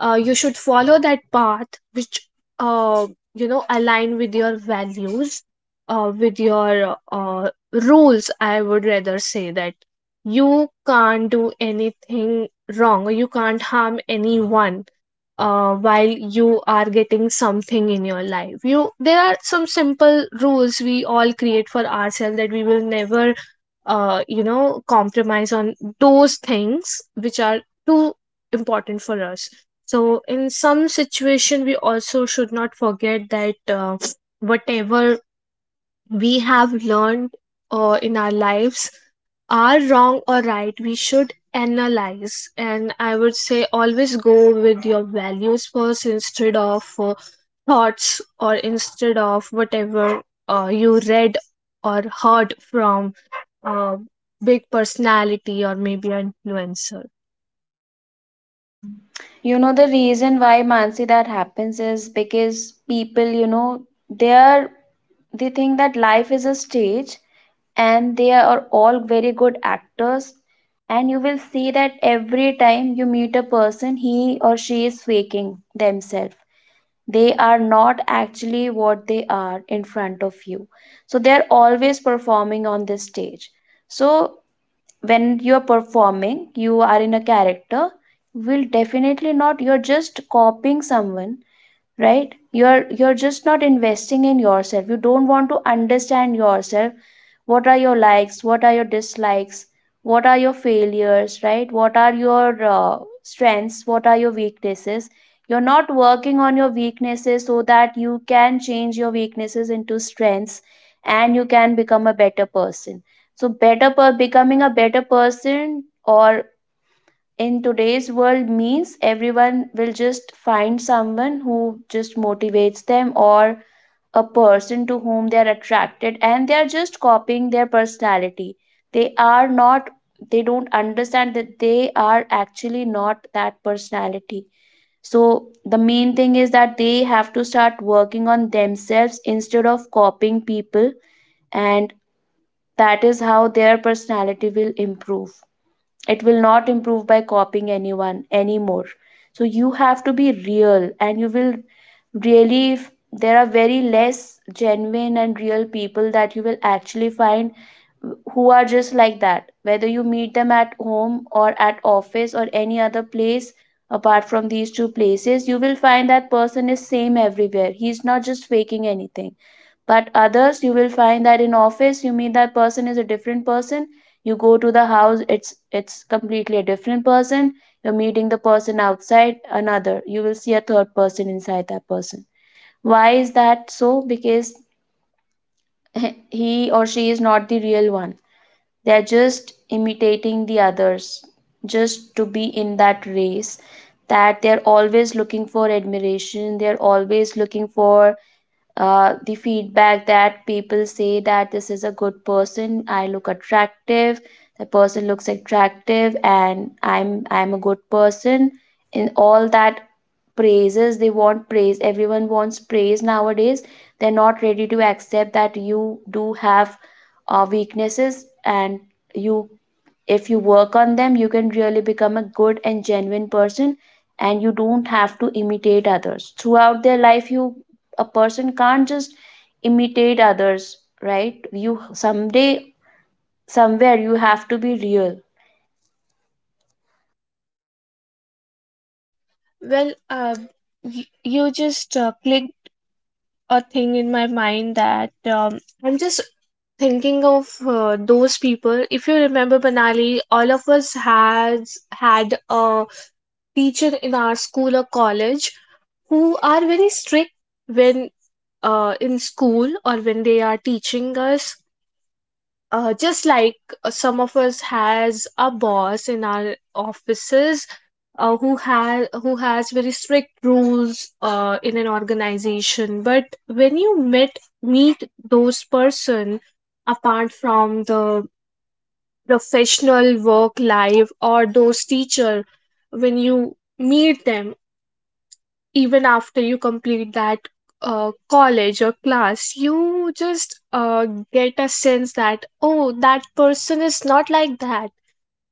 S1: you should follow that path which uh, you know align with your values, with your rules. I would rather say that you can't do anything wrong, or you can't harm anyone while you are getting something in your life. You, there are some simple rules we all create for ourselves that we will never you know compromise on those things which are too important for us. So in some situation, we also should not forget that whatever we have learned in our lives are wrong or right. We should analyze, and I would say always go with your values first, instead of thoughts, or instead of whatever you read or heard from a big personality or maybe an influencer.
S2: You know the reason why, Mansi, that happens, is because people, you know, they are, they think that life is a stage and they are all very good actors. And you will see that every time you meet a person, he or she is faking themselves. They are not actually what they are in front of you. So they are always performing on this stage. So when you are performing, you are in a character, will definitely not, you're just copying someone, right? You're just not investing in yourself, you don't want to understand yourself. What are your likes, what are your dislikes, what are your failures, right, what are your strengths, what are your weaknesses. You're not working on your weaknesses so that you can change your weaknesses into strengths and you can become a better person. So better per-, becoming a better person or in today's world means everyone will just find someone who just motivates them, or a person to whom they are attracted, and they are just copying their personality. They are not, they don't understand that they are actually not that personality. So the main thing is that they have to start working on themselves instead of copying people, and that is how their personality will improve. It will not improve by copying anyone anymore. So you have to be real, and you will really, there are very less genuine and real people that you will actually find, who are just like that, whether you meet them at home or at office or any other place. Apart from these two places, you will find that person is same everywhere, he's not just faking anything. But others, you will find that in office you meet, that person is a different person, you go to the house, it's completely a different person. You're meeting the person outside, another, you will see a third person inside that person. Why is that so? Because he or she is not the real one. They are just imitating the others, just to be in that race, that they're always looking for admiration, they're always looking for the feedback that people say that this is a good person, I look attractive, the person looks attractive, and I'm a good person. In all that praises, they want praise, everyone wants praise nowadays. They're not ready to accept that you do have weaknesses, and you, if you work on them, you can really become a good and genuine person. And you don't have to imitate others throughout their life. You, a person can't just imitate others, right? You someday, somewhere, you have to be real.
S1: Well, you just click a thing in my mind that I'm just thinking of those people. If you remember, Banali, all of us has had a teacher in our school or college who are very strict when, in school, or when they are teaching us, just like some of us has a boss in our offices who has, who has very strict rules in an organization. But when you met, meet those person apart from the professional work life, or those teacher, when you meet them even after you complete that college or class, you just get a sense that, oh, that person is not like that.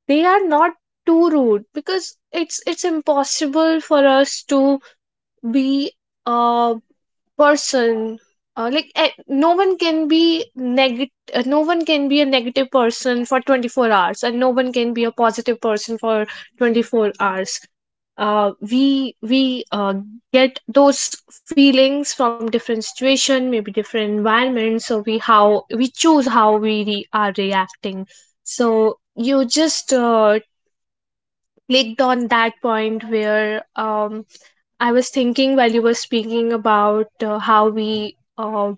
S1: They are not too rude, because it's impossible for us to be uh, person like, no one can be negative, no one can be a negative person for 24 hours, and no one can be a positive person for 24 hours. We get those feelings from different situation, maybe different environments. So we, how we choose, how we are reacting. So you just clicked on that point where I was thinking while you were speaking about how we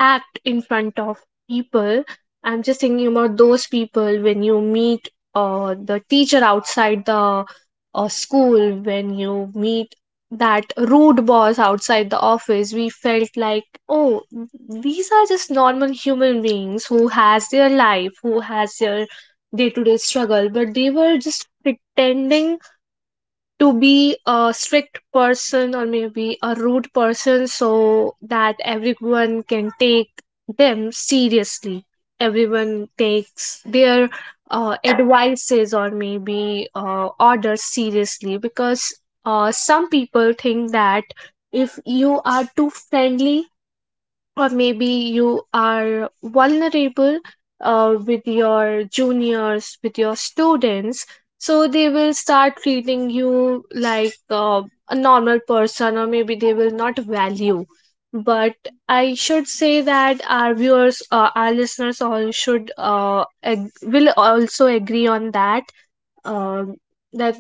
S1: act in front of people. I'm just thinking about those people when you meet the teacher outside the school, when you meet that rude boss outside the office, we felt like, oh, these are just normal human beings who has their life, who has their day to day struggle, but they were just pretending to be a strict person or maybe a rude person, so that everyone can take them seriously, everyone takes their advices or maybe orders seriously, because some people think that if you are too friendly or maybe you are vulnerable with your juniors, with your students, so they will start treating you like a normal person, or maybe they will not value. But I should say that our viewers, our listeners, all should will also agree on that. Um that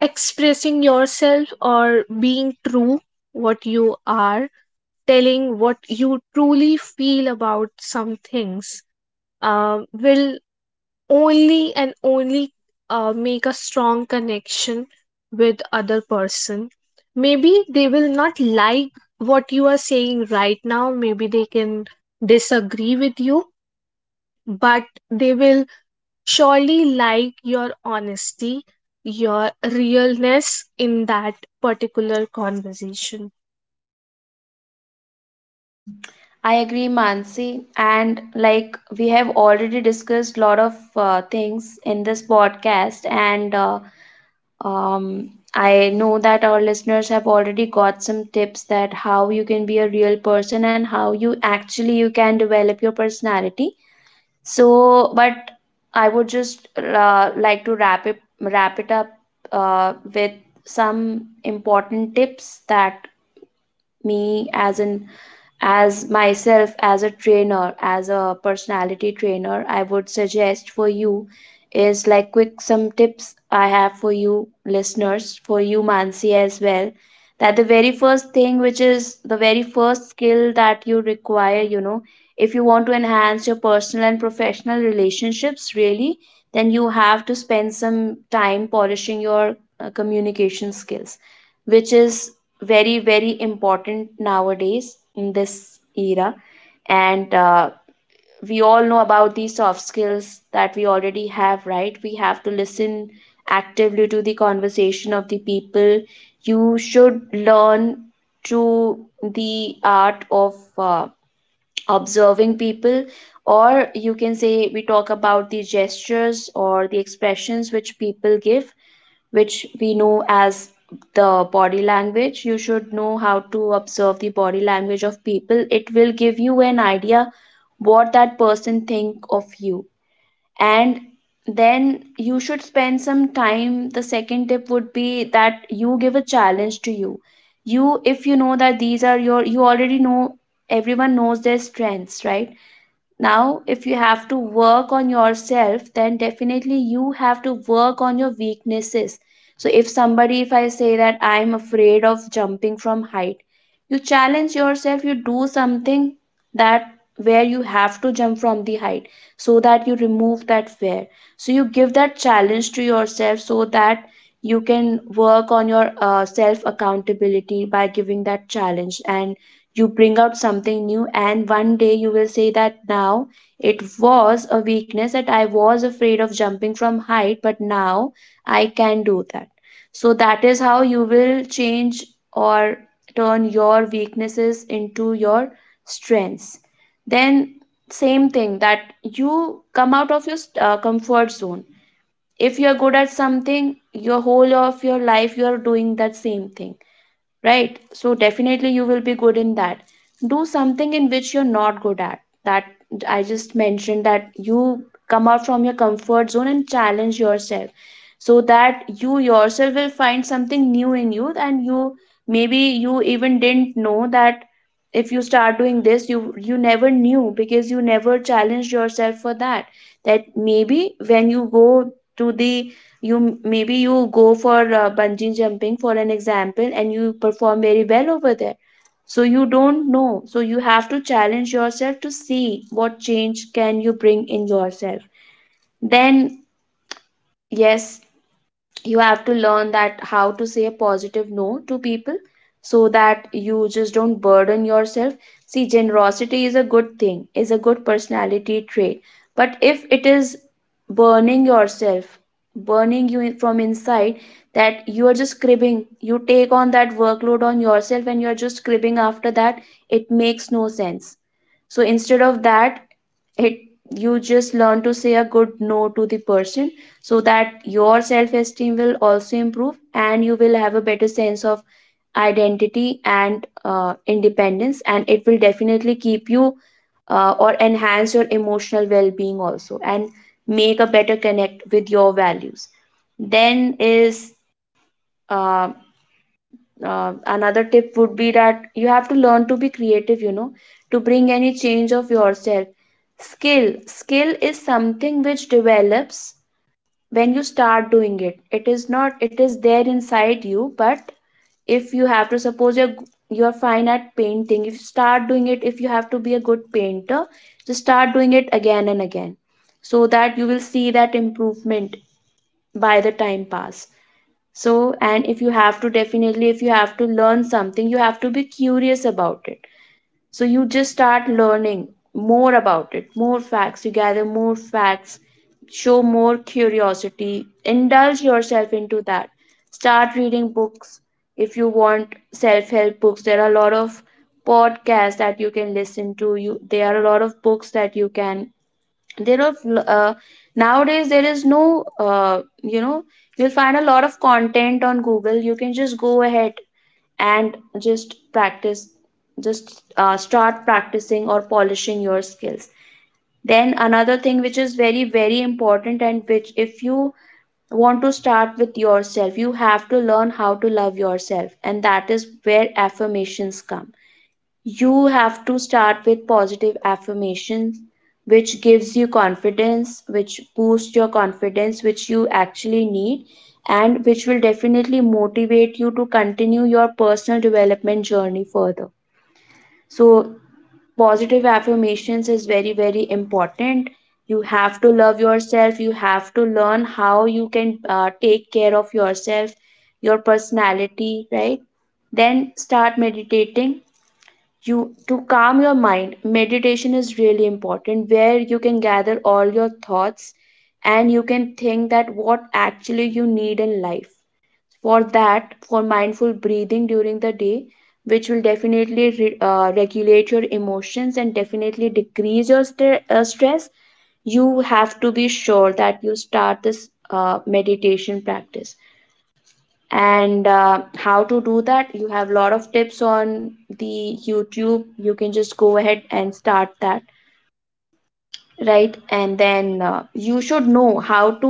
S1: expressing yourself or being true, what you are, telling what you truly feel about some things will only and only make a strong connection with other person. Maybe they will not like what you are saying right now, maybe they can disagree with you, but they will surely like your honesty, your realness in that particular conversation.
S2: I agree, Mansi. And like we have already discussed a lot of things in this podcast, and I know that our listeners have already got some tips that how you can be a real person and how you actually you can develop your personality. So, but I would just like to wrap it up with some important tips that me as an, as myself, as a trainer, as a personality trainer, I would suggest for you. Is like quick, some tips I have for you listeners, for you Mansi as well. That the very first thing, which is the very first skill that you require, you know, if you want to enhance your personal and professional relationships really, then you have to spend some time polishing your communication skills, which is very, very important nowadays in this era. And we all know about the soft skills that we already have, right? We have to listen actively to the conversation of the people. You should learn through the art of observing people, or you can say we talk about the gestures or the expressions which people give, which we know as the body language. You should know how to observe the body language of people. It will give you an idea what that person think of you. And then you should spend some time. The second tip would be that you give a challenge to you. You, if you know that these are your, you already know, everyone knows their strengths, right? Now, if you have to work on yourself, then definitely you have to work on your weaknesses. So, if somebody, if I say that I'm afraid of jumping from height, you challenge yourself, you do something that where you have to jump from the height so that you remove that fear. So, you give that challenge to yourself so that you can work on your self accountability by giving that challenge, and you bring out something new and one day you will say that now it was a weakness that I was afraid of jumping from height, but now I can do that. So that is how you will change or turn your weaknesses into your strengths. Then same thing, that you come out of your comfort zone. If you're good at something, your whole of your life you're doing that same thing, right? So definitely you will be good in that. Do something in which you're not good at. That I just mentioned, that you come out from your comfort zone and challenge yourself so that you yourself will find something new in you, and you maybe, you even didn't know that if you start doing this, you never knew because you never challenged yourself for that. That maybe when you go to the, you maybe you go for bungee jumping for an example and you perform very well over there. So you don't know, so you have to challenge yourself to see what change can you bring in yourself. Then yes, you have to learn that how to say a positive no to people so that you just don't burden yourself. See, generosity is a good thing, is a good personality trait. But if it is burning yourself, burning you from inside, that you are just cribbing, you take on that workload on yourself and you're just cribbing after that, it makes no sense. So instead of that, it, you just learn to say a good no to the person so that your self esteem will also improve and you will have a better sense of identity and independence, and it will definitely keep you or enhance your emotional well being also, and make a better connect with your values. Then is um Another tip would be that you have to learn to be creative, you know, to bring any change of yourself. Skill is something which develops when you start doing it. It is not, it is there inside you, but if you have to, suppose you're fine at painting, if you start doing it, if you have to be a good painter, just start doing it again and again so that you will see that improvement by the time pass. So, and if you have to, definitely if you have to learn something, you have to be curious about it. So you just start learning more about it, more facts, you gather more facts, show more curiosity, indulge yourself into that. Start reading books, if you want self-help books. There are a lot of podcasts that you can listen to you, there are a lot of books that you can, there are uh, nowadays there is no, you'll find a lot of content on Google, you can just go ahead and just practice, just start practicing or polishing your skills. Then another thing which is very very important, and which, if you want to start with yourself, you have to learn how to love yourself, and that is where affirmations come. You have to start with positive affirmations which gives you confidence, which boosts your confidence, which you actually need, and which will definitely motivate you to continue your personal development journey further. So positive affirmations is very very important. You have to love yourself, you have to learn how you can take care of yourself, your personality, right? Then start meditating. You, to calm your mind meditation is really important, where you can gather all your thoughts and you can think that what actually you need in life. For that, for mindful breathing during the day, which will definitely regulate your emotions and definitely decrease your stress. You have to be sure that you start this meditation practice, and how to do that, you have a lot of tips on the YouTube, you can just go ahead and start that. Right, and then you should know how to,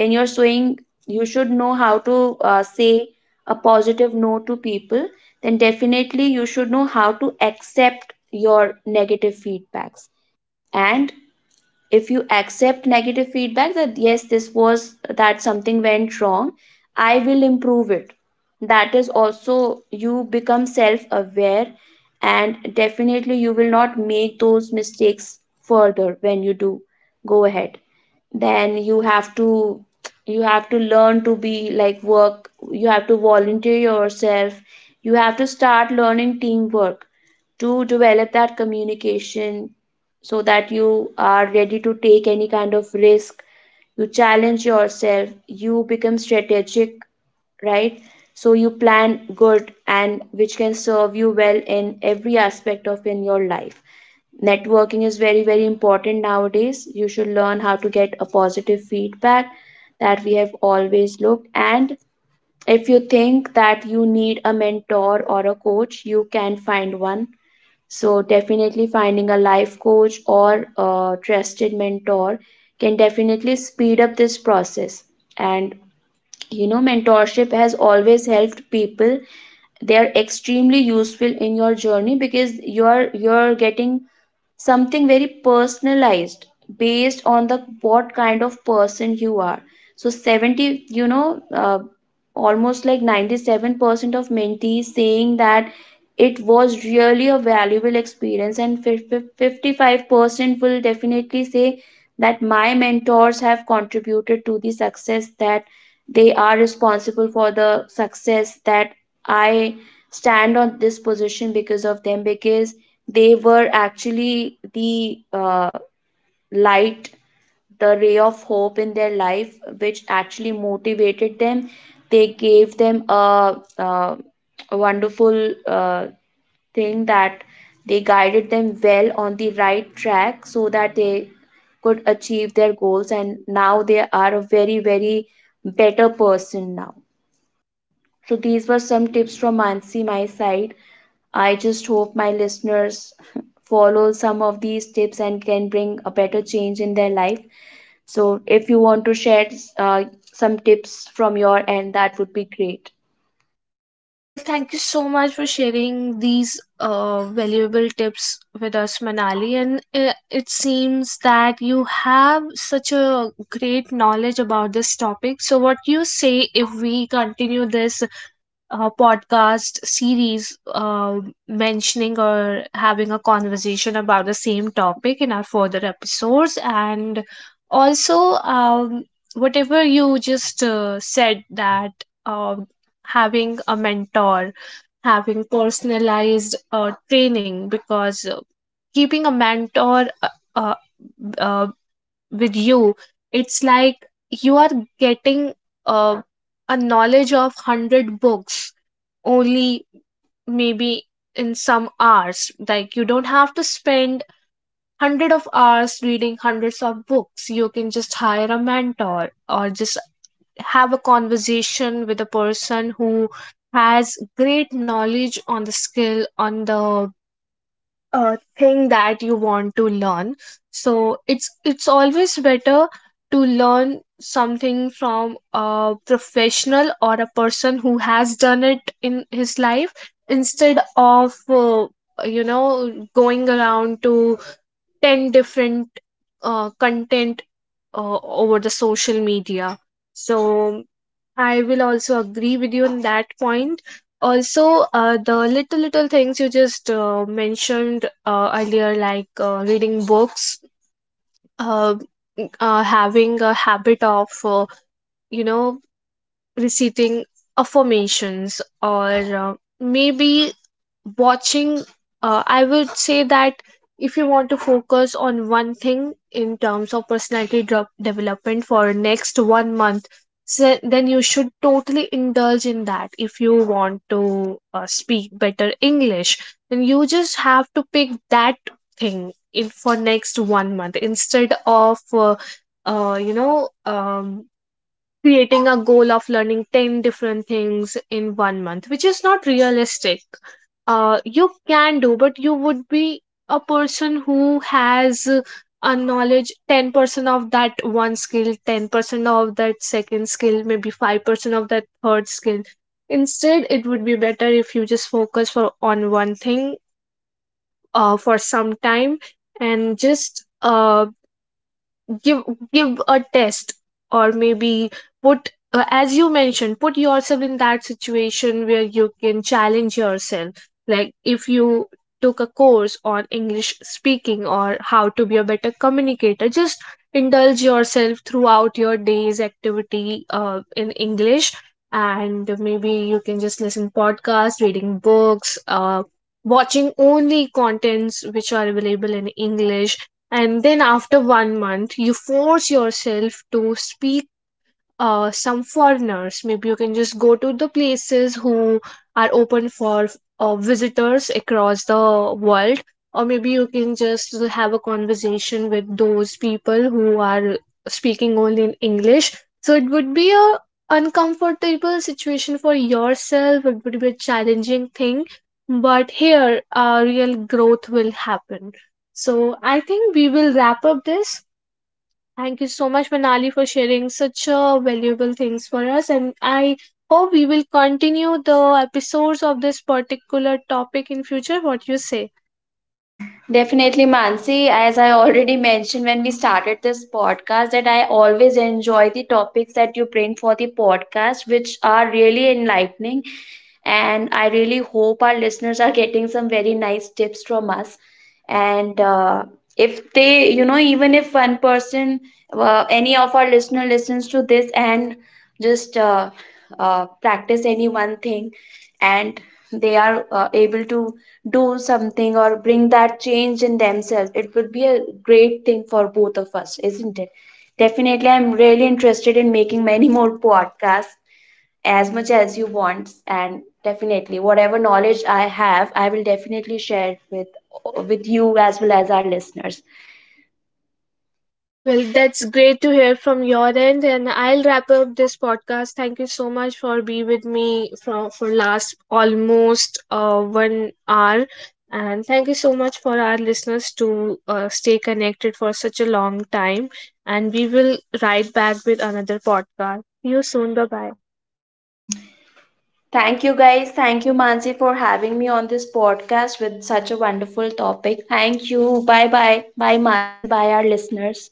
S2: when you're sewing, you should know how to say a positive no to people. Then definitely you should know how to accept your negative feedbacks. And if you accept negative feedback, that yes, this was, that something went wrong, I will improve it. That is also, you become self aware, and definitely you will not make those mistakes further when you do go ahead. Then you have to, you have to learn to be like work, you have to volunteer yourself, you have to start learning teamwork to develop that communication, so that you are ready to take any kind of risk. You challenge yourself, you become strategic, right? So you plan good, and which can serve you well in every aspect of in your life. Networking is very very important nowadays. You should learn how to get a positive feedback that we have always looked. And if you think that you need a mentor or a coach, you can find one. So, definitely finding a life coach or a trusted mentor can definitely speed up this process. And you know, mentorship has always helped people. They are extremely useful in your journey, because you're getting something very personalized based on the what kind of person you are. So 70, almost like 97% of mentees saying that it was really a valuable experience, and 55% will definitely say that my mentors have contributed to the success, that they are responsible for the success, that I stand on this position because of them, because they were actually the light, the ray of hope in their life, which actually motivated them. They gave them a wonderful thing, that they guided them well on the right track so that they could achieve their goals, and now they are a very, very better person now. So, these were some tips from Mansi, my side. I just hope my listeners follow some of these tips and can bring a better change in their life. So, if you want to share uh, some tips from your end, that would be great.
S1: Well, thank you so much for sharing these valuable tips with us, Manali. And it seems that you have such a great knowledge about this topic. So, what you say if we continue this podcast series, mentioning or having a conversation about the same topic in our further episodes, and also, um, whatever you just said, that um having a mentor, having personalized training, because keeping a mentor uh, uh, with you, it's like you are getting uh, a knowledge of 100 books only, maybe in some hours. Like, you don't have to spend 100 of hours reading hundreds of books. You can just hire a mentor, or just have a conversation with a person who has great knowledge on the skill, on the thing that you want to learn. So it's always better to learn something from a professional, or a person who has done it in his life, instead of you know going around to 10 different content uh, over the social media. So I will also agree with you on that point. Also, the little little things you just mentioned earlier, like reading books, uh, having a habit of, you know, reciting affirmations, or uh, maybe watching, I would say that if you want to focus on one thing in terms of personality development for next 1 month, so then you should totally indulge in that. If you want to speak better english, then you just have to pick that thing in for next 1 month, instead of you know creating a goal of learning 10 different things in 1 month, which is not realistic. You can do, but you would be a person who has a knowledge 10% of that one skill, 10% of that second skill, maybe 5% of that third skill. Instead, it would be better if you just focus for on one thing for some time, and just give give a test, or maybe put, as you mentioned, put yourself in that situation where you can challenge yourself. Like, if you took a course on english speaking or how to be a better communicator, just indulge yourself throughout your day's activity in english, and maybe you can just listen podcasts, reading books, watching only contents which are available in english. And then after 1 month, you force yourself to speak some foreigners. Maybe you can just go to the places who are open for visitors across the world, or maybe you can just have a conversation with those people who are speaking only in English. So it would be a uncomfortable situation for yourself. It would be a challenging thing, but here, real growth will happen. So I think we will wrap up this. Thank you so much, Manali, for sharing such valuable things for us. And I hope we will continue the episodes of this particular topic in future. What you say?
S2: Definitely, Mansi. As I already mentioned when we started this podcast, that I always enjoy the topics that you bring for the podcast, which are really enlightening. And I really hope our listeners are getting some very nice tips from us. And if they, you know, even if one person, any of our listener listens to this and just practice any one thing, and they are able to do something or bring that change in themselves, it would be a great thing for both of us, isn't it? Definitely, I'm really interested in making many more podcasts as much as you want, and definitely whatever knowledge I have, I will definitely share it with you as well as our listeners.
S1: Well, that's great to hear from your end. And I'll wrap up this podcast. Thank you so much for being with me for last almost 1 hour. And thank you so much for our listeners to stay connected for such a long time. And we will ride back with another podcast. See you soon. Bye bye.
S2: Thank you guys. Thank you, Mansi, for having me on this podcast with such a wonderful topic. Thank you. Bye bye. Bye, Mansi. Bye, our listeners.